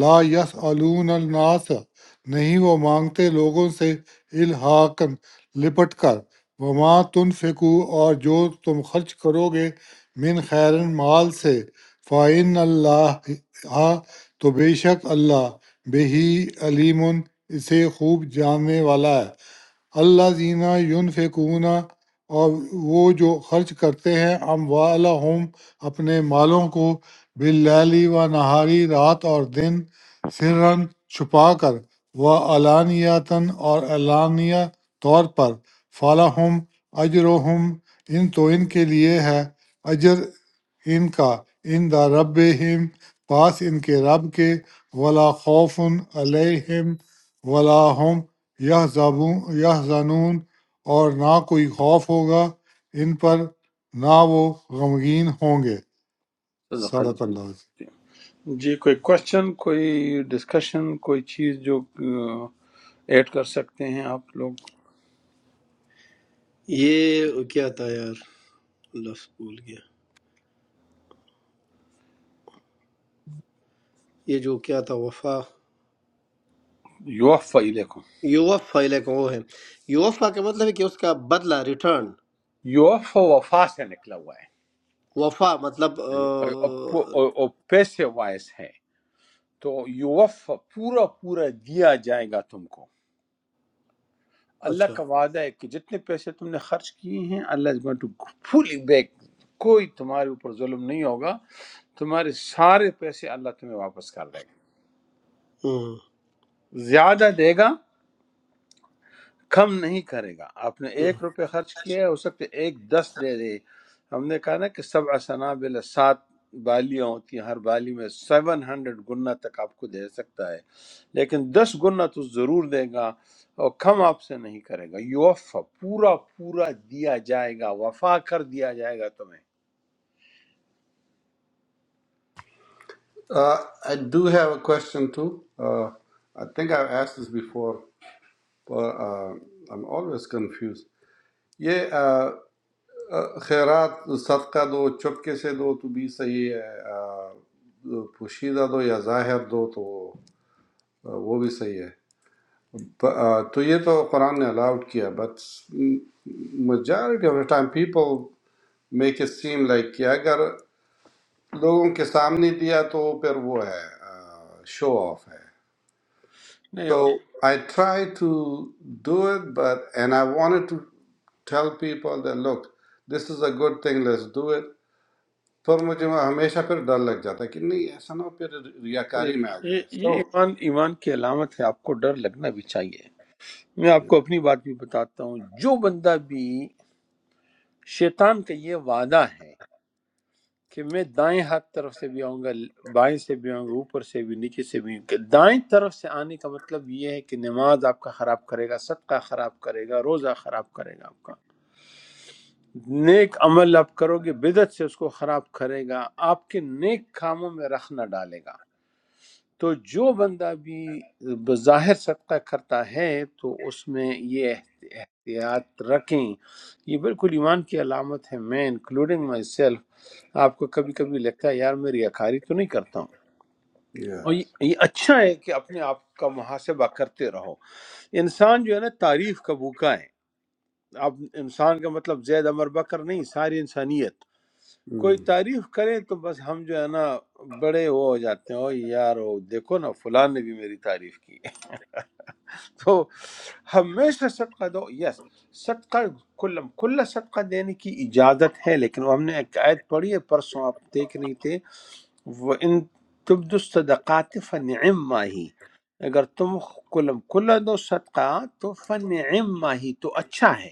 S3: لا یسألون الناس نہیں وہ مانگتے لوگوں سے الحاقن لپٹ کر وما تنفقو اور جو تم خرچ کرو گے من خیرن مال سے فَإِنَّ اللہ ہاں، تو بے شک اللہ بہی علیم اسے خوب جاننے والا ہے اللہ زینہ یون اور وہ جو خرچ کرتے ہیں اموالہم اپنے مالوں کو باللیلی و نہاری رات اور دن سرن چھپا کر و علانیتاً اور علانیہ طور پر فلاحم اجرہم ان تو ان کے لیے ہے اجر ان کا ان دا رب پاس ان کے رب کے ولا خوف علیہم ولا ہم یہ زانون اور نہ کوئی خوف ہوگا ان پر نہ وہ غمگین ہوں گے
S1: صدق
S3: صدق اللہ عظیم۔
S1: جی کوئی کوشچن کوئی ڈسکشن کوئی چیز جو ایڈ کر سکتے ہیں آپ لوگ
S7: یہ کیا تھا یار لفظ بھول گیا یہ جو کیا تھا وفا
S1: یوفا الیکم
S7: یوفا علیکم وہ ہے یوفا کا مطلب ہے کہ اس کا بدلہ ریٹرن
S1: یوف وفا سے نکلا ہوا
S7: وفا مطلب آ،
S1: ہے اور اور- اور پیسے وائس ہے تو یوف پورا پورا دیا جائے گا تم کو اللہ
S7: اچھا
S1: کا وعدہ ہے کہ جتنے پیسے تم نے خرچ کیے ہیں اللہ is going to fully back کوئی تمہارے اوپر ظلم نہیں ہوگا تمہارے سارے پیسے اللہ تمہیں واپس کر دے گا
S7: ہم،
S1: زیادہ دے گا کم نہیں کرے گا آپ نے
S7: ہم۔
S1: ایک روپے خرچ کیا ہے ہو سکتا ہے ایک دس دے دے ہم نے کہا نا کہ سب اسنا بل سات بالیاں ہوتی ہیں ہر بالی میں سیون ہنڈریڈ گنا تک آپ کو دے سکتا ہے لیکن دس گنا تو ضرور دے گا اور کم آپ سے نہیں کرے گا یوفا پورا پورا دیا جائے گا وفا کر دیا جائے گا تمہیں
S8: I do have a question too I think I ask this before I am always confused یہ uh, خیرات صدقہ دو چپکے سے دو تو بھی صحیح ہے uh, پوشیدہ دو یا ظاہر دو تو uh, وہ بھی صحیح ہے پ- uh, تو یہ تو قرآن نے الاؤڈ کیا but majority of the time people make it seem like کہ اگر لوگوں کے سامنے دیا تو پھر وہ ہے شو آف ہے
S1: نہیں
S8: so I try to do it but and I want to tell people that look this is a good thing let's do it پر مجھے وہ ہمیشہ پھر ڈر لگ جاتا ہے کہ نہیں ایسا نہ ہو پھر ریاکاری میں آ
S1: یہ
S8: جائے
S1: یہ
S8: سو
S1: ایمان ایمان کی علامت ہے آپ کو ڈر لگنا بھی چاہیے میں آپ کو اپنی بات بھی بتاتا ہوں جو بندہ بھی شیطان کا یہ وعدہ ہے کہ میں دائیں ہاتھ طرف سے بھی آؤں گا بائیں سے بھی آؤں گا اوپر سے بھی نیچے سے بھی کہ دائیں طرف سے آنے کا مطلب یہ ہے کہ نماز آپ کا خراب کرے گا صدقہ خراب کرے گا روزہ خراب کرے گا آپ کا نیک عمل آپ کرو گے بدعت سے اس کو خراب کرے گا آپ کے نیک کاموں میں رخ نہ ڈالے گا تو جو بندہ بھی بظاہر صدقہ کرتا ہے تو اس میں یہ احت- احتیاط رکھیں یہ بالکل ایمان کی علامت ہے میں انکلوڈنگ مائی سیلف آپ کو کبھی کبھی لگتا ہے یار میں ریاکاری تو نہیں کرتا ہوں
S8: yeah.
S1: اور یہ یہ اچھا ہے کہ اپنے آپ کا محاسبہ کرتے رہو انسان جو ہے نا تعریف کا بھوکا ہے اب انسان کا مطلب زید امر بکر نہیں ساری انسانیت کوئی
S8: ہم،
S1: تعریف کرے تو بس ہم جو ہے نا بڑے وہ ہو جاتے ہیں او یار او دیکھو نا فلاں نے بھی میری تعریف کی تو ہمیشہ صدقہ دو یس صدقہ کل کل صدقہ دینے کی اجازت ہے لیکن وہ ہم نے ایک آیت پڑھی ہے پرسوں آپ دیکھ رہے تھے وہ ان تبدو الصدقات فنعم ہی اگر تم کلم کل دو صدقہ تو فنعم ہی تو اچھا ہے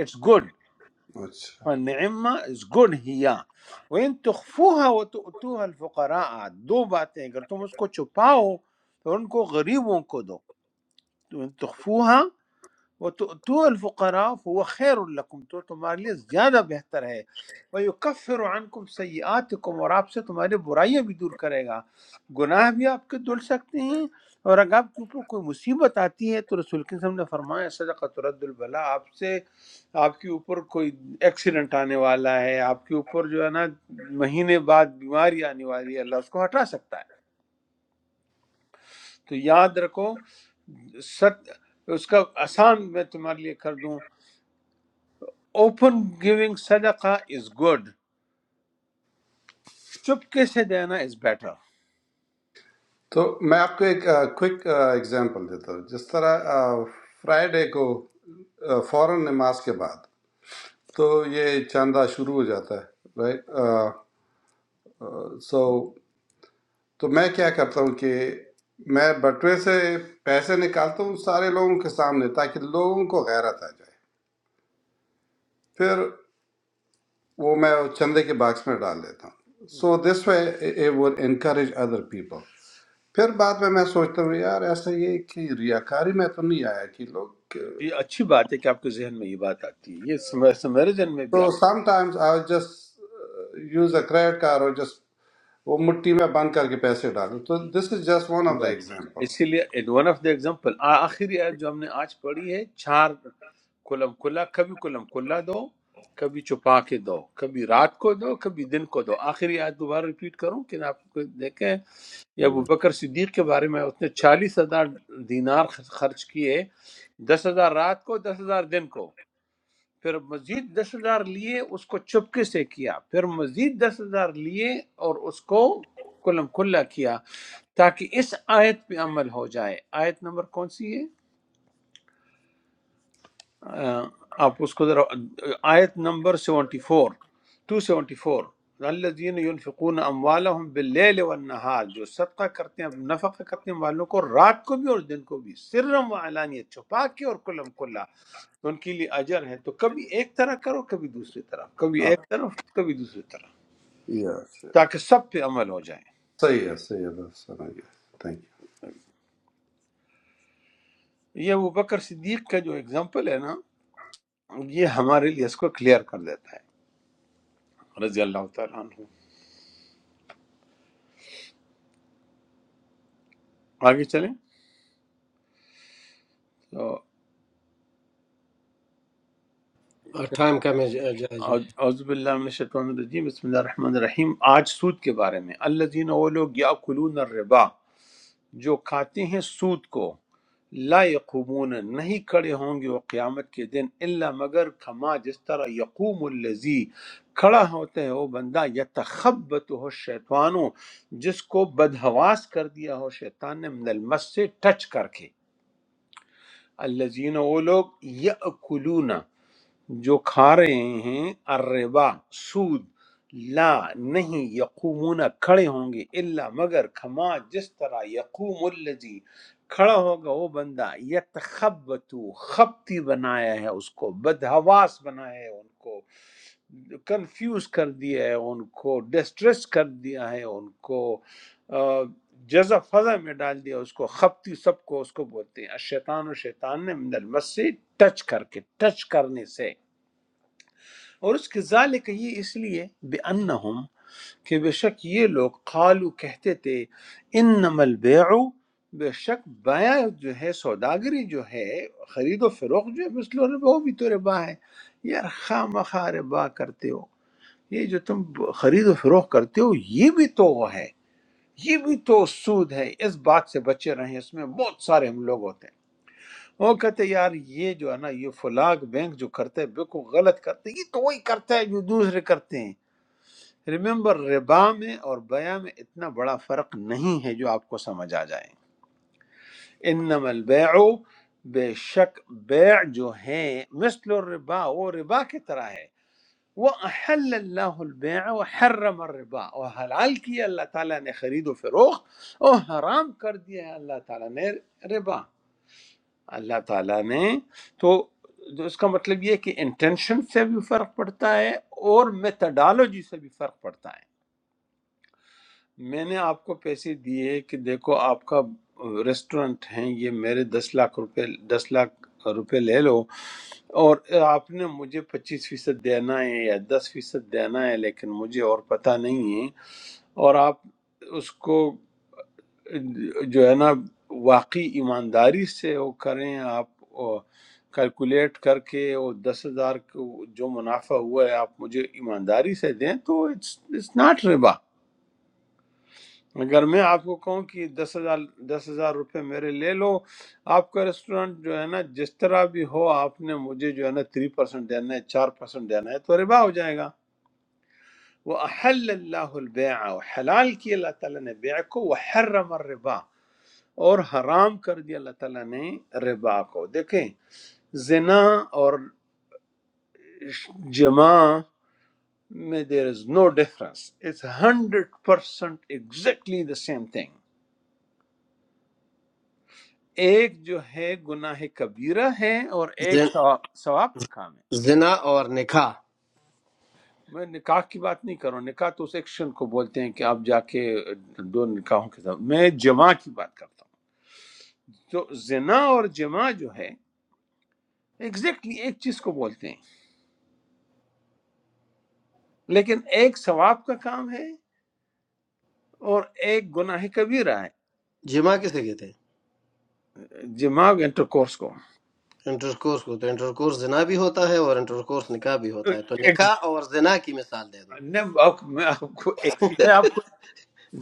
S1: اٹس گڈ
S8: اچھا
S1: فنعم از گڈ ہیا وَإِن تُخْفُوهَا وَتُؤْتُوهَا الْفُقَرَاءَ دو باتیں اگر تم اس کو چھپاؤ تو ان کو غریبوں کو دو تو ان تخفوها تو الفقراء فهو خیر لکم تو تمہارے لیے زیادہ بہتر ہے وَيُكَفِّرُ عَنْكُمْ سَيِّئَاتِكُمْ اور آپ سے تمہاری برائیاں بھی دور کرے گا گناہ بھی آپ کے دھل سکتے ہیں اور اگر آپ کے اوپر کوئی مصیبت آتی ہے تو رسول کے نے فرمایا صدقۃ رد البلا آپ سے آپ کے اوپر کوئی ایکسیڈنٹ آنے والا ہے آپ کے اوپر جو ہے نا مہینے بعد بیماری آنے والی ہے اللہ اس کو ہٹا سکتا ہے تو یاد رکھو ست اس کا آسان میں تمہارے لیے کر دوں اوپن گیونگ صدقہ از گڈ چپکے سے دینا از بیٹر
S8: تو میں آپ کو ایک کوئک ایگزامپل دیتا ہوں جس طرح فرائیڈے کو آ، فوراً نماز کے بعد تو یہ چاندہ شروع ہو جاتا ہے رائٹ سو تو میں کیا کرتا ہوں کہ میں بٹوے سے پیسے نکالتا ہوں سارے لوگوں کے سامنے تاکہ لوگوں کو غیرت آ جائے پھر وہ میں چندے کے باکس میں ڈال دیتا ہوں سو دس وے it would encourage other people پھر بعد میں میں سوچتا ہوں یار ایسا یہ کہ ریاکاری میں تو نہیں آیا کہ لوگ
S1: یہ اچھی بات ہے کہ آپ کے ذہن میں یہ بات آتی ہے یہ سم- سم- میرے ذہن میں بھی
S8: تو sometimes I just use a credit card اور جسٹ وہ مٹھی میں بند کر کے پیسے ڈالوں تو this is just one of
S1: آتی
S8: دا
S1: ہے
S8: ایگزامپل
S1: اسی لیے ون آف دا ایگزامپل آخری آیت جو ہم نے آج پڑھی ہے چار کلم کلا کبھی کلم کلا دو کبھی چھپا کے دو کبھی رات کو دو کبھی دن کو دو آخری آیت دوبارہ ریپیٹ کروں کہ آپ کو دیکھیں یہ ابو بکر صدیق کے بارے میں اس نے چالیس ہزار دینار خرچ کیے دس ہزار رات کو دس ہزار دن کو پھر مزید دس ہزار لیے اس کو چپکے سے کیا پھر مزید دس ہزار لیے اور اس کو کلم کلا کیا تاکہ اس آیت پہ عمل ہو جائے آیت نمبر کون سی ہے؟ آ، آپ اس کو ذرا آیت نمبر 74 274 الذين ينفقون اموالهم بالليل والنهار جو صدقہ کرتے ہیں نفقہ کرتے ہیں والوں کو رات کو بھی اور دن کو بھی سرم و علانیت چھپا کے اور کلم کلا تو ان کے لیے اجر ہے تو کبھی ایک طرح کرو کبھی دوسری طرف کبھی ایک طرف کبھی دوسری طرف
S8: Yeah. یس
S1: تاکہ سب پہ عمل ہو جائے
S8: صحیح ہے صحیح ہے بس سمجھ گیا تھینک
S1: یہ ابو بکر صدیق کا جو اگزامپل ہے نا یہ ہمارے لیے اس کو کلیئر کر دیتا ہے رضی اللہ تعالیٰ عنہ آگے چلیں تو
S7: اور ٹائم کا میں جا- جا- جا-
S1: اعوذ باللہ من الشیطان الرجیم بسم اللہ الرحمن الرحیم آج سود کے بارے میں الذین وہ لوگ یاکلون الربا جو کھاتے ہیں سود کو لا یقومون نہیں کھڑے ہوں گے وہ قیامت کے دن الا مگر کما جس طرح یقوم الذی کھڑا ہوتا ہے وہ بندہ یتخبط ہو شیطانو جس کو بدحواس کر دیا ہو شیطان نے من المس سے ٹچ کر کے الذین وہ لوگ یاکلون جو کھا رہے ہیں الربا سود لا نہیں یقومون کھڑے ہوں گے الا مگر کھما جس طرح یقوم الذی کھڑا ہوگا وہ بندہ یتخبتو خبتی بنایا ہے اس کو بدحواس بنایا ہے ان کو کنفیوز کر دیا ہے ان کو ڈسٹریس کر دیا ہے ان کو آ، جزا فضا میں ڈال دیا اس کو خبتی سب کو اس کو بولتے ہیں الشیطان و شیطان نے من المس سے ٹچ کر کے ٹچ کرنے سے اور اس کے ذالک یہ اس لیے بے انہم کہ بے شک یہ لوگ قالو کہتے تھے انما البیع بے شک بیع جو ہے سوداگری جو ہے خرید و فروخت جو ہے مثل ربا وہ بھی تو ربا ہے یار خام خواہ ربا کرتے ہو یہ جو تم خرید و فروخت کرتے ہو یہ بھی تو وہ ہے یہ بھی تو سود ہے اس بات سے بچے رہیں اس میں بہت سارے ہم لوگ ہوتے ہیں وہ کہتے یار یہ جو ہے نا یہ فلاں بینک جو کرتے ہیں بالکل غلط کرتے ہیں یہ تو وہی کرتا ہے جو دوسرے کرتے ہیں ریممبر ربا میں اور بیع میں اتنا بڑا فرق نہیں ہے جو آپ کو سمجھ آ جائے انما البیع بے شک بیع جو ہے مثل الربا وہ ربا کی طرح ہے وہ احل اللہ البیع وحرم الربا اور حلال کیا اللہ تعالیٰ نے خرید و فروخت اور حرام کر دیا ہے اللہ تعالیٰ نے ربا اللہ تعالیٰ نے تو تو اس کا مطلب یہ ہے کہ انٹینشن سے بھی فرق پڑتا ہے اور میتھڈالوجی سے بھی فرق پڑتا ہے میں نے آپ کو پیسے دیے کہ دیکھو آپ کا ریسٹورنٹ ہیں یہ میرے دس لاکھ روپے دس لاکھ روپے لے لو اور آپ نے مجھے پچیس فیصد دینا ہے یا دس فیصد دینا ہے لیکن مجھے اور پتہ نہیں ہے اور آپ اس کو جو ہے نا واقعی ایمانداری سے وہ کریں آپ کیلکولیٹ کر کے وہ دس ہزار کو جو منافع ہوا ہے آپ مجھے ایمانداری سے دیں تو اٹس ناٹ ربا اگر میں آپ کو کہوں کہ دس ہزار دس ہزار روپے میرے لے لو آپ کا ریسٹورینٹ جو ہے نا جس طرح بھی ہو آپ نے مجھے جو ہے نا تھری پرسینٹ دینا ہے چار پرسینٹ دینا ہے تو ربا ہو جائے گا وہ احل اللہ البیع حلال کی اللہ تعالیٰ نے بیع کو وہ حرم الربا، اور حرام کر دیا اللہ تعالیٰ نے ربا کو دیکھیں زنا اور جمع میں there is no difference it's hundred percent exactly the same thing ایک جو ہے گناہ کبیرہ ہے اور ایک
S7: زن-
S1: ثواب ثواب کا کام ہے
S7: زنا اور نکاح
S1: میں نکاح کی بات نہیں کر رہا ہوں نکاح تو اس ایکشن کو بولتے ہیں کہ آپ جا کے دو نکاحوں کے ساتھ میں جمع کی بات کرتا ہوں تو زنا اور جمع جو ہے ایگزیکٹلی exactly ایک چیز کو بولتے ہیں لیکن ایک ثواب کا کام ہے اور ایک گناہ کبیرہ ہے
S7: جمع کسے کہتے ہیں
S1: جماع انٹر کورس کو
S7: انٹرکورس کو تو انٹرکورس زنا بھی ہوتا ہے اور انٹرکورس نکاح بھی ہوتا ہے تو
S1: ایک-
S7: نکاح اور زنا کی مثال دے دو
S1: نے آپ- میں آپ کو ایک- میں آپ کو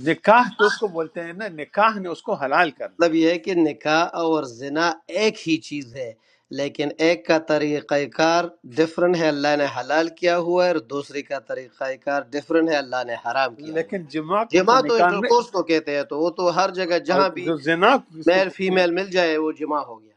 S1: نکاح تو اس کو بولتے ہیں نا نکاح نے اس کو حلال کر دیا
S7: مطلب یہ ہے کہ نکاح اور زنا ایک ہی چیز ہے لیکن ایک کا طریقہ کار ڈفرن ہے اللہ نے حلال کیا ہوا ہے اور دوسری کا طریقہ کار ڈفرن ہے اللہ نے حرام کیا ہوا ہے
S1: لیکن جماع کو تو
S7: جمع تو
S1: نکاح نے
S7: انٹرکورس کو کہتے ہیں تو وہ تو ہر جگہ
S1: اور
S7: جہاں بھی
S1: جو زنا کو اس کو
S7: میل
S1: بولتے ہیں
S7: فیمیل مل جائے وہ جمع ہو گیا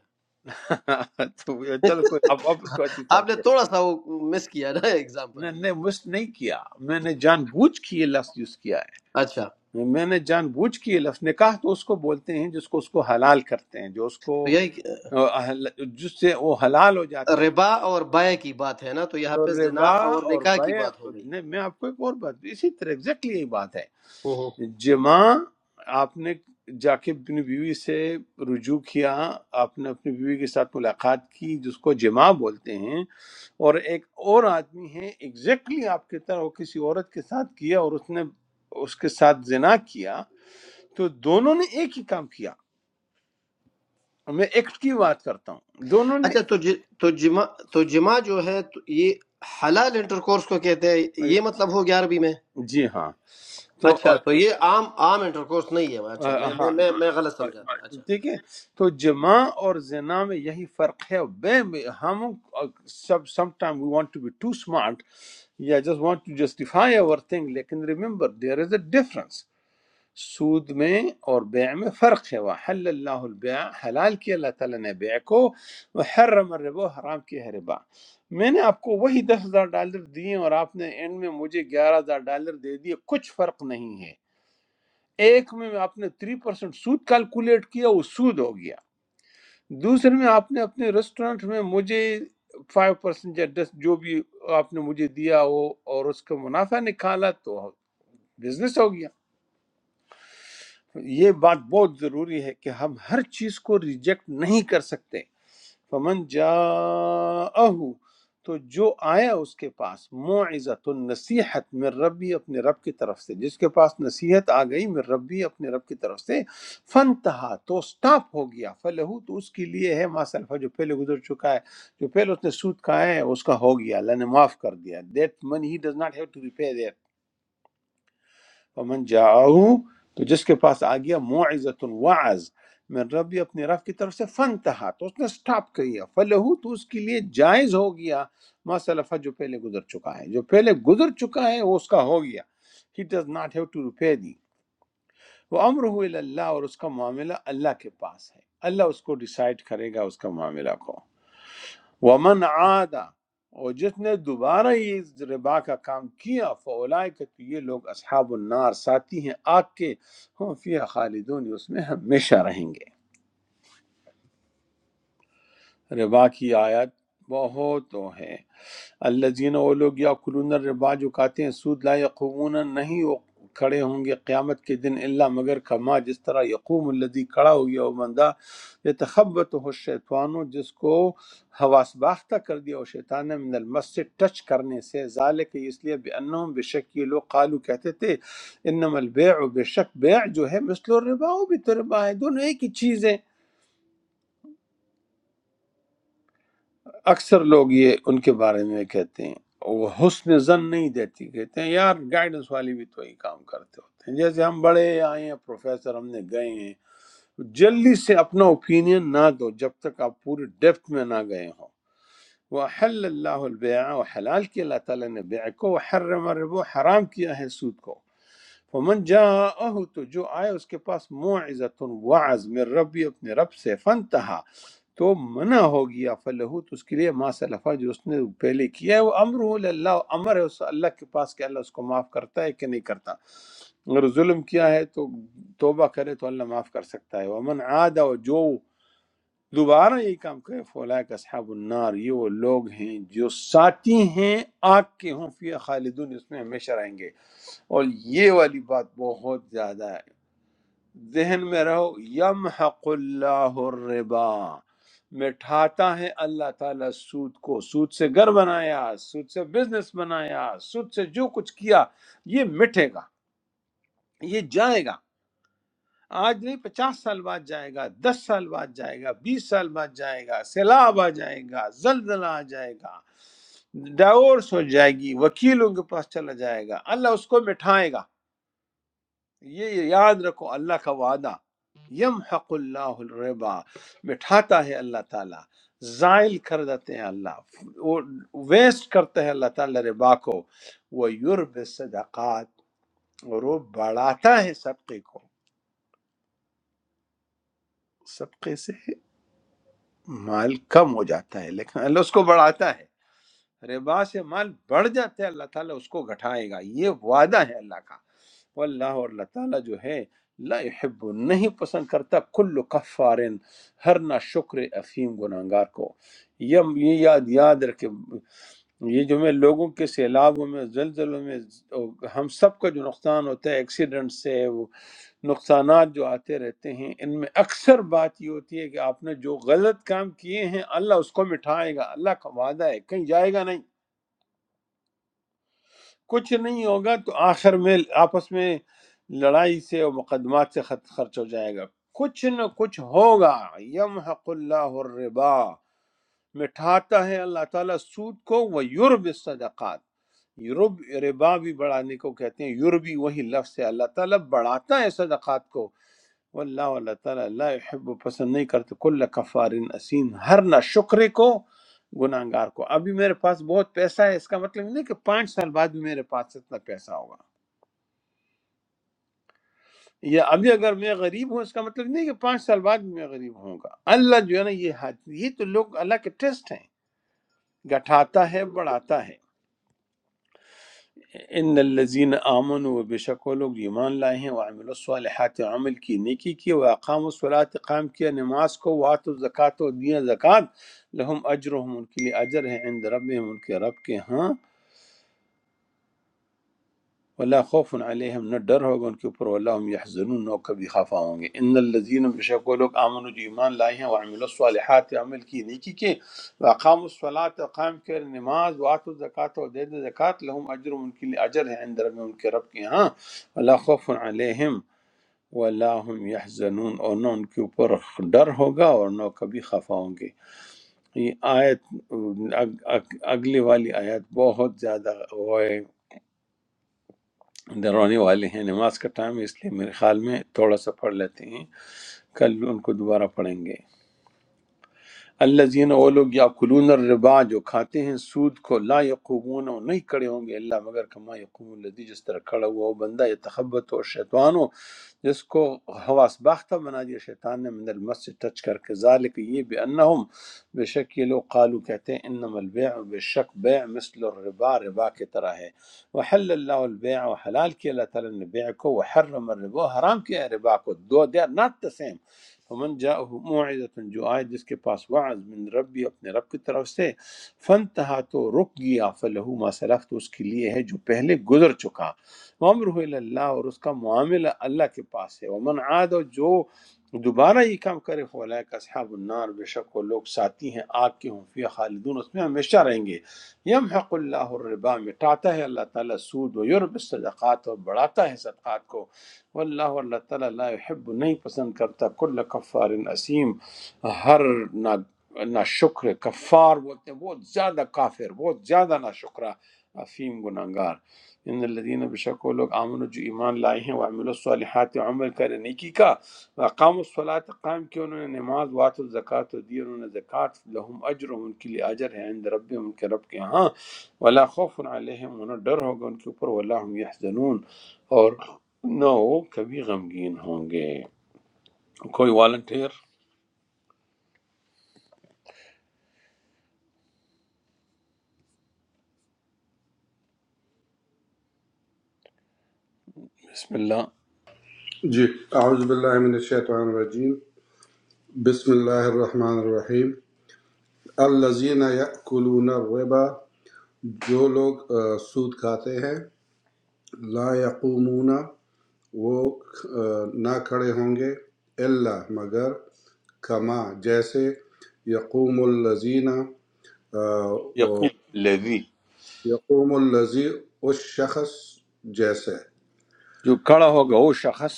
S1: تو یہ چلو کوئی آپ آپ اس کو اچھی
S7: آپ نے
S1: سمجھے
S7: تھوڑا سا وہ مس کیا نا ایگزامپل
S1: میں نے مست نہیں کیا میں نے جان بوجھ کے یہ لفظ یوز کیا ہے
S7: اچھا تو
S1: میں نے جان بوجھ کے یہ لفظ نکاح تو اس کو بولتے ہیں جس کو اس کو حلال کرتے ہیں جو اس کو
S7: یہی
S1: آہ، جس سے وہ حلال ہو جاتے ہیں
S7: ربا اور بائے کی بات ہے نا تو یہاں
S1: تو
S7: پہ زنا
S1: ربا
S7: اور
S1: اور
S7: نکاح کی
S1: بیع
S7: بات ہو گئی
S1: نے- میں آپ کو ایک اور بات بھی- اسی طرح ایگزیکٹلی یہی بات ہے جمع آپ نے جا کے اپنی بیوی سے رجوع کیا آپ نے اپنی بیوی کے ساتھ ملاقات کی جس کو جمع بولتے ہیں اور ایک اور آدمی ہے ایگزیکٹلی آپ کی طرح وہ کسی عورت کے ساتھ کیا اور اس نے اس کے ساتھ زنا کیا تو دونوں نے ایک ہی کام کیا میں ایکٹ کی بات کرتا ہوں دونوں نے
S7: اچھا تو ج- تو جمع تو جمع جو ہے تو یہ حلال انٹر کورس کو کہتے ہیں یہ مطلب ہو گیا عربی میں
S1: جی ہاں تو آ،
S7: اچھا تو یہ عام عام انٹر کورس نہیں ہے
S1: آ،
S7: اچھا میں
S1: ہاں
S7: میں میں میں غلط
S1: اور-
S7: سمجھا تھا اچھا
S1: ٹھیک ہے تو جماع اور زنا میں یہی فرق ہے بے ہم سب some time we want to be too smart یا جسٹ وانٹ ٹو جسٹیفائی اور تھنگ لیکن remember there is a difference سود میں اور بیع میں فرق ہے وحل اللہ البیع حلال کیا اللہ تعالیٰ نے بیع کو وحرم الربا حرام کیا ہے ربا میں نے آپ کو وہی دس ہزار ڈالر دیے اور آپ نے اینڈ میں مجھے گیارہ ہزار ڈالر دے دیے کچھ فرق نہیں ہے ایک میں آپ نے تھری پرسینٹ سود کیلکولیٹ کیا وہ سود ہو گیا دوسرے میں آپ نے اپنے ریسٹورنٹ میں مجھے فائیو پرسینٹ یا دس جو بھی آپ نے مجھے دیا ہو اور اس کا منافع نکالا تو بزنس ہو گیا یہ بات بہت ضروری ہے کہ ہم ہر چیز کو ریجیکٹ نہیں کر سکتے فمن جاءہ تو جو آیا اس کے پاس معزت نصیحت من ربی اپنے رب کی طرف سے جس کے پاس نصیحت آ گئی من ربی اپنے رب کی طرف سے فنتہا تو سٹاپ ہو گیا فلہو تو اس کے لیے ہے ما سلفہ جو پہلے گزر چکا ہے جو پہلے اس نے سود کھایا ہے اس کا ہو گیا اللہ نے معاف کر دیا that money he does not have to repay that. فمن جاؤ تو جس کے پاس آ گیا معزت وعظ من ربی اپنے رب کی طرف سے فن تہا تو اس نے سٹاپ کیا فلہو تو اس کے لیے جائز ہو گیا ما سلفہ جو پہلے گزر چکا ہے جو پہلے گزر چکا ہے وہ اس کا ہو گیا he does not have to repay the وہ امر ہو اللہ اور اس کا معاملہ اللہ کے پاس ہے اللہ اس کو ڈیسائیڈ کرے گا اس کا معاملہ کو ومن عادا اور جس نے دوبارہ یہ ربا کا کام کیا فولائے کہ تو یہ لوگ اصحاب النار ساتھی ہیں آگ کے ہم فیہ خالدون اس میں ہمیشہ رہیں گے ربا کی آیت بہت وہ ہے الذین وہ لوگ یاکلون الربا جو کھاتے ہیں سود لا یقومون نہیں وہ کھڑے ہوں گے قیامت کے دن اللہ مگر کما جس طرح یقوم الذی کھڑا ہو گیا وہ بندہ یتخبط ہو شیطانو جس کو حواس باختہ کر دیا وہ شیطان نے من المس سے ٹچ کرنے سے ذالک اس لیے بانہم بے شک یہ لوگ قالو کہتے تھے انما البیع بے شک بیع جو ہے مثل الربا وہ بھی تو ربا ہے دونوں ایک ہی چیز ہے اکثر لوگ یہ ان کے بارے میں کہتے ہیں وہ حسن زن نہیں دیتی کہتے ہیں یار گائیڈنس والے بھی تو ہی کام کرتے ہوتے ہیں جیسے ہم بڑے آئے ہیں پروفیسر ہم نے گئے ہیں جلدی سے اپنا اوپینین نہ دو جب تک آپ پوری ڈیپتھ میں نہ گئے ہوں وحل اللہ البیع و حلال کیا اللہ تعالیٰ نے بیع کو وحرم الربو حرام کیا ہے سود کو فمن جاءه تو جو آئے اس کے پاس موعظت وعظ من ربی اپنے رب سے فنتہا تو منع ہو گیا فلہو تو اس کے لیے ما سلفا جو اس نے پہلے کیا ہے وہ امر ہو اللہ امر ہے اس اللہ کے پاس کہ اللہ اس کو معاف کرتا ہے کہ نہیں کرتا اگر ظلم کیا ہے تو توبہ کرے تو اللہ معاف کر سکتا ہے ومن عاد و جو دوبارہ یہ کام کرے فولا کا اصحاب النار یہ وہ لوگ ہیں جو ساتھی ہیں آگ کے ہوں فی خالدون اس میں ہمیشہ رہیں گے اور یہ والی بات بہت زیادہ ہے ذہن میں رہو یمحق اللہ الربا مٹھاتا ہے اللہ تعالیٰ سود کو سود سے گھر بنایا سود سے بزنس بنایا سود سے جو کچھ کیا یہ مٹے گا یہ جائے گا آج نہیں پچاس سال بعد جائے گا دس سال بعد جائے گا بیس سال بعد جائے گا سیلاب آ جائے گا زلزلہ آ جائے گا ڈائیورس ہو جائے گی وکیلوں کے پاس چلا جائے گا اللہ اس کو مٹھائے گا یہ یاد رکھو اللہ کا وعدہ یم حق اللہ الربا مٹھاتا ہے اللہ تعالیٰ زائل کر دیتے ہیں اللہ وہ ویسٹ کرتا ہے اللہ تعالیٰ ربا کو وہ یورب صدقات اور وہ بڑھاتا ہے صدقے کو صدقے سے مال کم ہو جاتا ہے لیکن اللہ اس کو بڑھاتا ہے ربا سے مال بڑھ جاتا ہے اللہ تعالیٰ اس کو گھٹائے گا یہ وعدہ ہے اللہ کا واللہ اور اللہ تعالیٰ جو ہے لا يحب نہیں پسند کرتا کل کفارن ہر نہ شکر افیم گناہگار کو یہ یہ یاد یاد رکھے یہ جو میں لوگوں کے سیلابوں میں زلزلوں میں اور ہم سب کا جو نقصان ہوتا ہے ایکسیڈنٹ سے وہ نقصانات جو آتے رہتے ہیں ان میں اکثر بات یہ ہوتی ہے کہ آپ نے جو غلط کام کیے ہیں اللہ اس کو مٹھائے گا اللہ کا وعدہ ہے کہیں جائے گا نہیں کچھ نہیں ہوگا تو آخر میں آپس میں لڑائی سے اور مقدمات سے خط- خرچ ہو جائے گا کچھ نہ کچھ ہوگا یمحق اللہ الربا مٹھاتا ہے اللہ تعالیٰ سود کو وہ یورب صدقات یورب ربا بھی بڑھانے کو کہتے ہیں یوربی وہی لفظ ہے اللہ تعالیٰ بڑھاتا ہے صدقات کو واللہ اللہ تعالیٰ لا يحب پسند نہیں کرتے کل کفار اسین ہر نہ شکرے کو گناہ گار کو ابھی میرے پاس بہت پیسہ ہے اس کا مطلب نہیں کہ پانچ سال بعد بھی میرے پاس اتنا پیسہ ہوگا یا ابھی اگر میں غریب ہوں اس کا مطلب نہیں کہ پانچ سال بعد بھی میں غریب ہوں گا اللہ جو ہے نا یہ حد یہ تو لوگ اللہ کے ٹیسٹ ہیں گٹھاتا ہے بڑھاتا ہے ان الذین آمن و بے شک وہ لوگ جو ایمان لائے ہیں وہ عامل الصالحات عمل کی نیکی کی وہ اقام الصلاۃ قائم کیا نماز کو وات و زکوٰۃ و دیا زکوٰۃ لہم اجرہم ان کے لیے اجر ہے عند ربہم ان کے رب کے ہاں ولا خوف علیہم نہ ڈر ہوگا ان کے اوپر ولا هم یحزنون نہ وہ کبھی خفا ہوں گے ان الذین بشک وہ لوگ امنوا جو ایمان لائے ہیں وعملوا الصالحات عمل کی نیکی کے واقاموا الصلاۃ قائم کر نماز واتوا الزکات اور دے دے زکات لهم اجر ان کے لیے اجر ہے عند رب ان کے رب کے ہاں ولا خوف علیہم ولا هم یحزنون اور نہ ان کے اوپر ڈر ہوگا اور نہ وہ کبھی خفا ہوں گے یہ آیت اگ- اگ- اگلی والی آیت بہت زیادہ ڈرانے والے ہیں نماز کا ٹائم ہے اس لیے میرے خیال میں تھوڑا سا پڑھ لیتے ہیں کل ان کو دوبارہ پڑھیں گے الذین وہ لوگ یاکلون الربا جو کھاتے ہیں سود کو لا یقومون اور نہیں کھڑے ہوں گے اللہ مگر کما یقوم الذی جس طرح کھڑا ہوا وہ بندہ یتخبط اور شیطان ہو جس کو حواس باختہ بنا دیا شیطان نے من المس سے ٹچ کر کے ذالک یہ بے انہم بے شک یہ لوگ قالو کہتے ہیں انما البیع بے شک بیع مثل الربا ربا کی طرح ہے وحل اللہ البیع و حلال کیا اللہ تعالیٰ نے بیع کو وحرم الربا حرام کیا ہے ربا کو دو they are not the same فمن جا موعظت جو آئے جس کے پاس وعظ من ربی اپنے رب کی طرف سے فن تہا تو رک گیا فلہو ما سلف تو اس کے لیے ہے جو پہلے گزر چکا وامرہ الی اللہ اور اس کا معاملہ اللہ کے پاس ہے ومن عاد اور جو دوبارہ یہ کام کرے فولائک اصحاب النار بے شک وہ لوگ ساتھی ہیں آگ کے ہوں فیہ خالدون اس میں ہمیشہ رہیں گے یمحق اللہ الربا مٹاتا ہے اللہ تعالیٰ سود و یرب الصدقات اور بڑھاتا ہے صدقات کو واللہ اور اللہ تعالیٰ لا يحب نہیں پسند کرتا کل کفار اسیم ہر نا نا شکر کفار بولتے ہیں بہت زیادہ کافر بہت زیادہ نا شکرہ افیم گناہگار ان الذين بشکو لوگ امن جو ایمان لائے ہیں وعملوا الصالحات عمل کرے نیکی کا وقام الصلاۃ قائم کی انہوں نے نماز وات الزکات دی انہوں نے زکات لهم اجر ان کے لیے اجر ہے عند رب ان کے رب کے ہاں ولا خوف علیہم انہیں ڈر ہوگا ان کے اوپر ولا هم یحزنون اور نہ وہ کبھی غمگین ہوں گے کوئی والنٹیر بسم اللہ
S8: یو جی اعوذ باللہ من الشیطان الرجیم بسم اللہ الرحمن الرحیم الذین یأکلون الربا جو لوگ آ، سود کھاتے ہیں لا یقومون وہ آ، نہ کھڑے ہوں گے الا مگر کما جیسے یقوم الذین آ،
S1: یقوم
S8: وہ-
S1: الذی
S8: یقوم الذی اس شخص جیسے
S1: جو کڑا ہوگا وہ شخص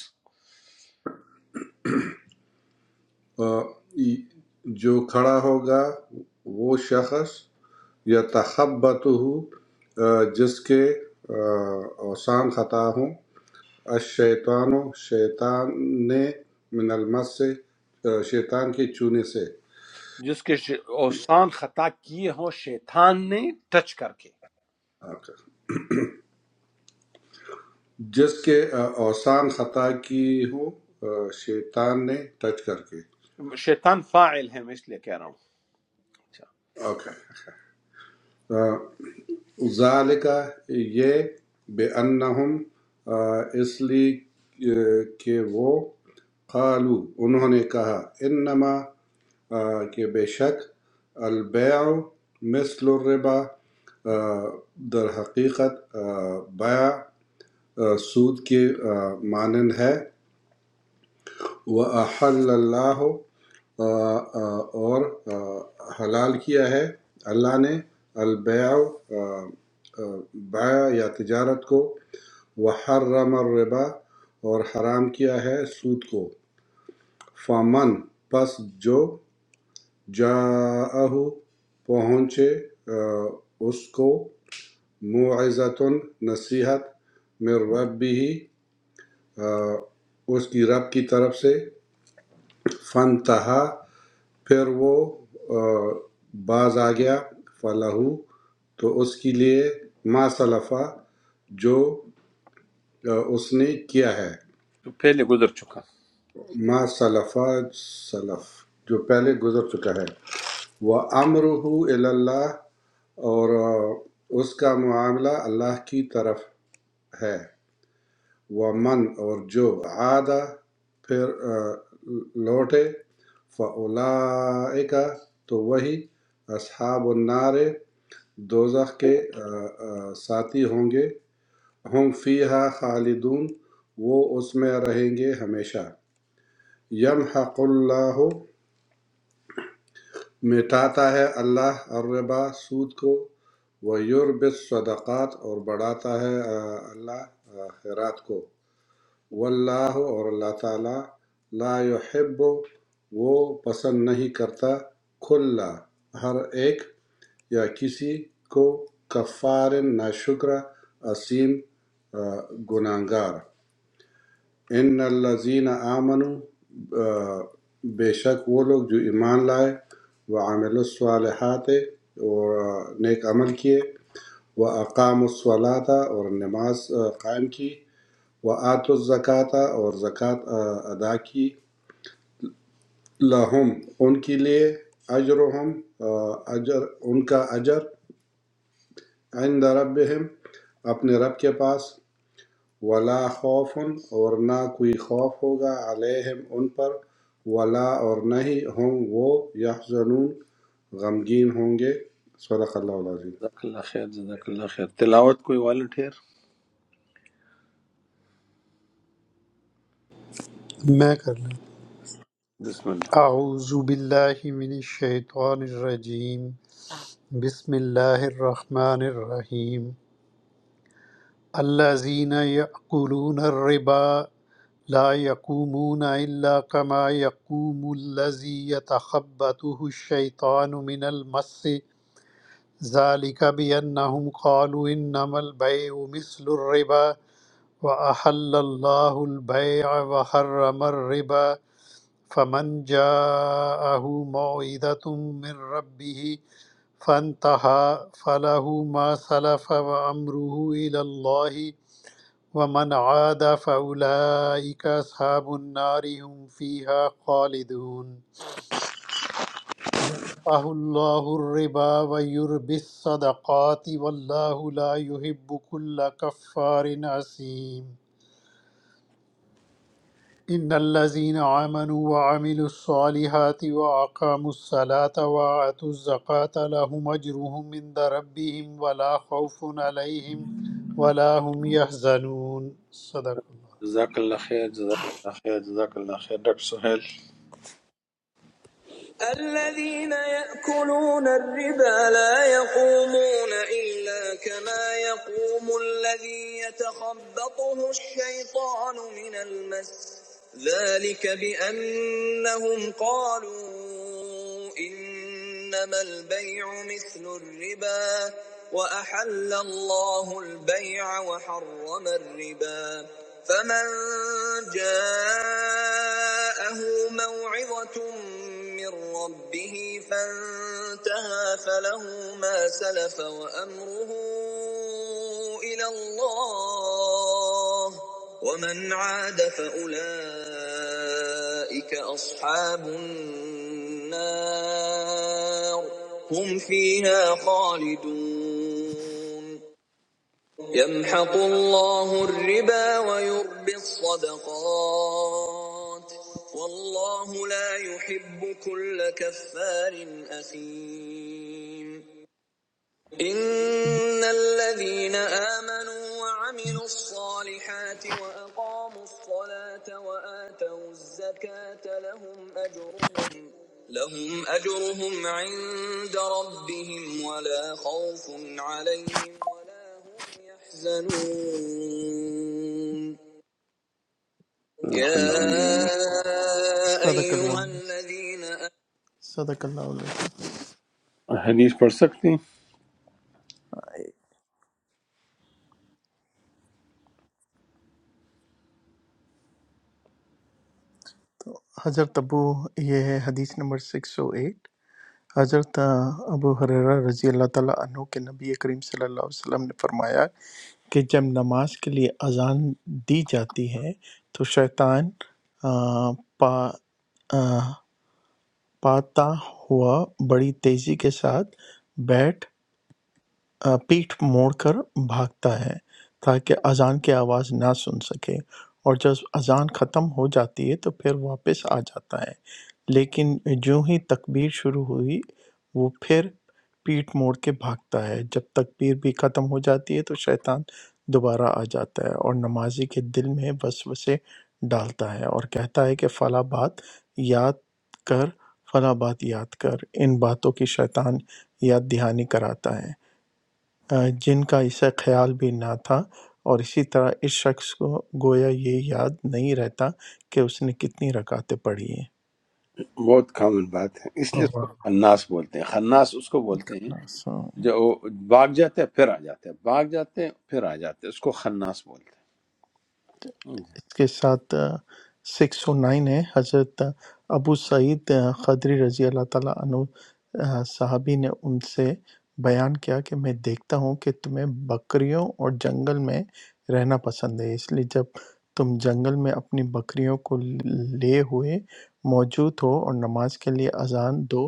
S8: آ، جو کھڑا ہوگا وہ شخص یا تخبطہ جس کے آ، اوسان خطا ہوں الشیطان شیطان نے من المس سے آ، شیطان کے چونے سے
S1: جس کے ش- اوسان خطا کیے ہوں شیطان نے ٹچ کر
S8: آ، جس کے آ، اوسان خطا کی ہو آ، شیطان نے ٹچ کر کے
S1: کے شیطان فاعل ہے میں اس لیے کہہ رہا ہوں اچھا
S8: اوکے ذَلِکَ یہ بِأَنَّهُمْ اس لیے کہ وہ قالو انہوں نے کہا انما آ، کہ بے شک البیع مثل الربا آ، در حقیقت آ، بیع آ، سود کے آ، مانند ہے وہ احل اللہ آ، آ، اور آ، حلال کیا ہے اللہ نے البیع آ، آ، بیع یا تجارت کو وحرم الربا اور حرام کیا ہے سود کو فمن پس جو جاءہ پہنچے آ، اس کو معزتن نصیحت من ربی آ، اس کی رب کی طرف سے فنتہا پھر وہ آ، باز آ گیا فلاح تو اس کے لیے ما سلفہ جو آ، اس نے کیا ہے
S1: جو پہلے گزر چکا
S8: ما سلفہ سلف جو پہلے گزر چکا ہے وہ امرح اللہ اور آ، اس کا معاملہ اللہ کی طرف ہے وہ من اور جو عادہ پھر آ، لوٹے فعلائکہ تو وہی اصحاب النار دوزخ کے آ، آ، ساتھی ہوں گے ہم فیہا خالدون وہ اس میں رہیں گے ہمیشہ یمحق اللہ مٹاتا ہے اللہ الربا سود کو ویربِ الصدقات اور بڑھاتا ہے آ، اللہ آ، خیرات کو واللہ اور اللہ تعالی لا یحب وہ پسند نہیں کرتا کھلا ہر ایک یا کسی کو کفار ناشکر عصیم گناہگار ان الذین آمنوا آ، بے شک وہ لوگ جو ایمان لائے وہ عامل الصالحات اور آ، نیک عمل کیے وہ اقام الصلاۃ اور نماز آ، قائم کی وہ آت الزکوٰۃ اور زکوٰۃ ادا کی لہم ان کے لیے اجرہم آ، اجر ان کا اجر عند ربہم اپنے رب کے پاس ولا خوف اور نہ کوئی خوف ہوگا علیہم ان پر ولا اور نہ ہی ہوں وہ یحزنون غمگین ہوں گے صدق اللہ العظیم
S1: جزاک اللہ خیر جزاک اللہ خیر تلاوت کوئی والنٹیر
S4: علیہ۔ میں کر لوں
S1: بسم اللہ
S4: اعوذ باللہ من الشیطان الرجیم بسم اللہ الرحمن الرحیم الذين يأكلون الربا لا يقومون إلا كما يقوم الذي يتخبطه الشيطان من المس ذلك بأنهم قالوا إنما البيع مثل الربا وأحل الله البيع وحرم الربا فمن جاءه موعظة من ربه فانتهى فله ما سلف وأمره إلى الله ومن عاد فأولئك أصحاب النار هم فيها خالدون يلقه الله الربا ويربي الصدقات والله لا يحب كل كفار أثيم إن الذين آمنوا وعملوا الصالحات وأقاموا الصلاة وآتوا الزكاة لهم أجرهم عند ربهم ولا خوف عليهم ولا هم يحزنون صدق
S1: جزاک اللہ خیر جزاک اللہ خیر جزاک اللہ خیر ڈاکٹر سہیل
S2: الذين يأكلون الربا لا يقومون إلا كما يقوم الذي يتخبطه الشيطان من المس ذلك بأنهم قالوا إنما البيع مثل الربا وأحل الله البيع وحرم الربا فمن جاءه موعظة من ربه فانتهى فله ما سلف وأمره إلى الله ومن عاد فأولئك أصحاب النار هم فيها خالدون يمحق الله الربا ويربي الصدقات والله لا يحب كل كفار أثيم إن الذين آمنوا وعملوا الصالحات وأقاموا الصلاة وآتوا الزكاة لهم أجرهم لهم أجرهم عند ربهم ولا خوف عليهم ولا هم يحزنون
S1: جزاک اللہ
S2: يا
S1: علیہ وسلم۔
S2: صدق أيها الله الذين آمنوا صدق الله العظيم
S1: حدیث پڑھ سکتے ہیں
S2: حضرت ابو یہ ہے حدیث نمبر 608 حضرت ابو حریرہ رضی اللہ تعالیٰ عنہ کے نبی کریم صلی اللہ علیہ وسلم نے فرمایا کہ جب نماز کے لیے اذان دی جاتی ہے تو شیطان آ، پا آ، پاتا ہوا بڑی تیزی کے ساتھ بیٹھ آ، پیٹھ موڑ کر بھاگتا ہے تاکہ اذان کی آواز نہ سن سکے اور جب اذان ختم ہو جاتی ہے تو پھر واپس آ جاتا ہے لیکن جو ہی تکبیر شروع ہوئی وہ پھر پیٹھ موڑ کے بھاگتا ہے جب تکبیر بھی ختم ہو جاتی ہے تو شیطان دوبارہ آ جاتا ہے اور نمازی کے دل میں وسوسے ڈالتا ہے اور کہتا ہے کہ فلا بات یاد کر فلا بات یاد کر ان باتوں کی شیطان یاد دہانی کراتا ہے آ، جن کا اسے خیال بھی نہ تھا اور اسی طرح اس شخص کو گویا یہ یاد نہیں رہتا کہ اس نے کتنی رکعتیں پڑھی ہیں
S1: بہت کامن بات ہے اس لیے اس کو خناس بولتے ہیں خناس اس کو بولتے ہیں
S2: اللہ
S1: جو وہ بھاگ جاتے ہیں پھر آ جاتے ہیں بھاگ جاتے ہیں پھر آ جاتے ہیں اس کو خناس بولتے ہیں
S2: اس کے ساتھ سکس او نائن ہے حضرت ابو سعید آ، خدری رضی اللہ تعالیٰ عنہ آ، صحابی نے ان سے بیان کیا کہ میں دیکھتا ہوں کہ تمہیں بکریوں اور جنگل میں رہنا پسند ہے اس لیے جب تم جنگل میں اپنی بکریوں کو لیے ہوئے موجود ہو اور نماز کے لیے اذان دو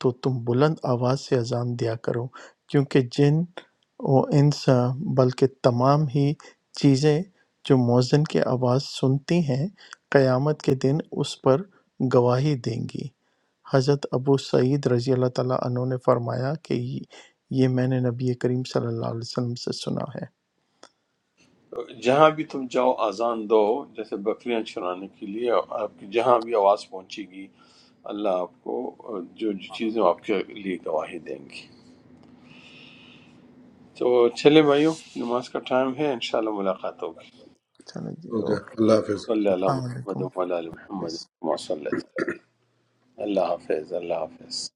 S2: تو تم بلند آواز سے اذان دیا کرو کیونکہ جن و انس آ، بلکہ تمام ہی چیزیں جو مؤذن کی آواز سنتی ہیں قیامت کے دن اس پر گواہی دیں گی حضرت ابو سعید رضی اللہ تعالیٰ عنہ نے فرمایا کہ یہ یہ میں نے نبی کریم صلی اللہ علیہ وسلم سے سنا ہے
S1: جی۔ جہاں بھی تم جاؤ اذان دو جیسے بکریاں چرانے کے لیے آپ کی جہاں بھی آواز پہنچے گی اللہ آپ کو جو جو چیزیں آپ کے لیے گواہی دیں گی تو چلے بھائیوں نماز کا ٹائم ہے انشاءاللہ ملاقات ہوگی
S2: چلیں جی
S8: اوکے
S2: اوکے
S8: اللہ حافظ
S1: اللہ صلی اللہ علیہ
S2: السلام
S1: محمد
S2: علیکم
S1: وعلی آل محمد کما صلیت اللہ حافظ اللہ حافظ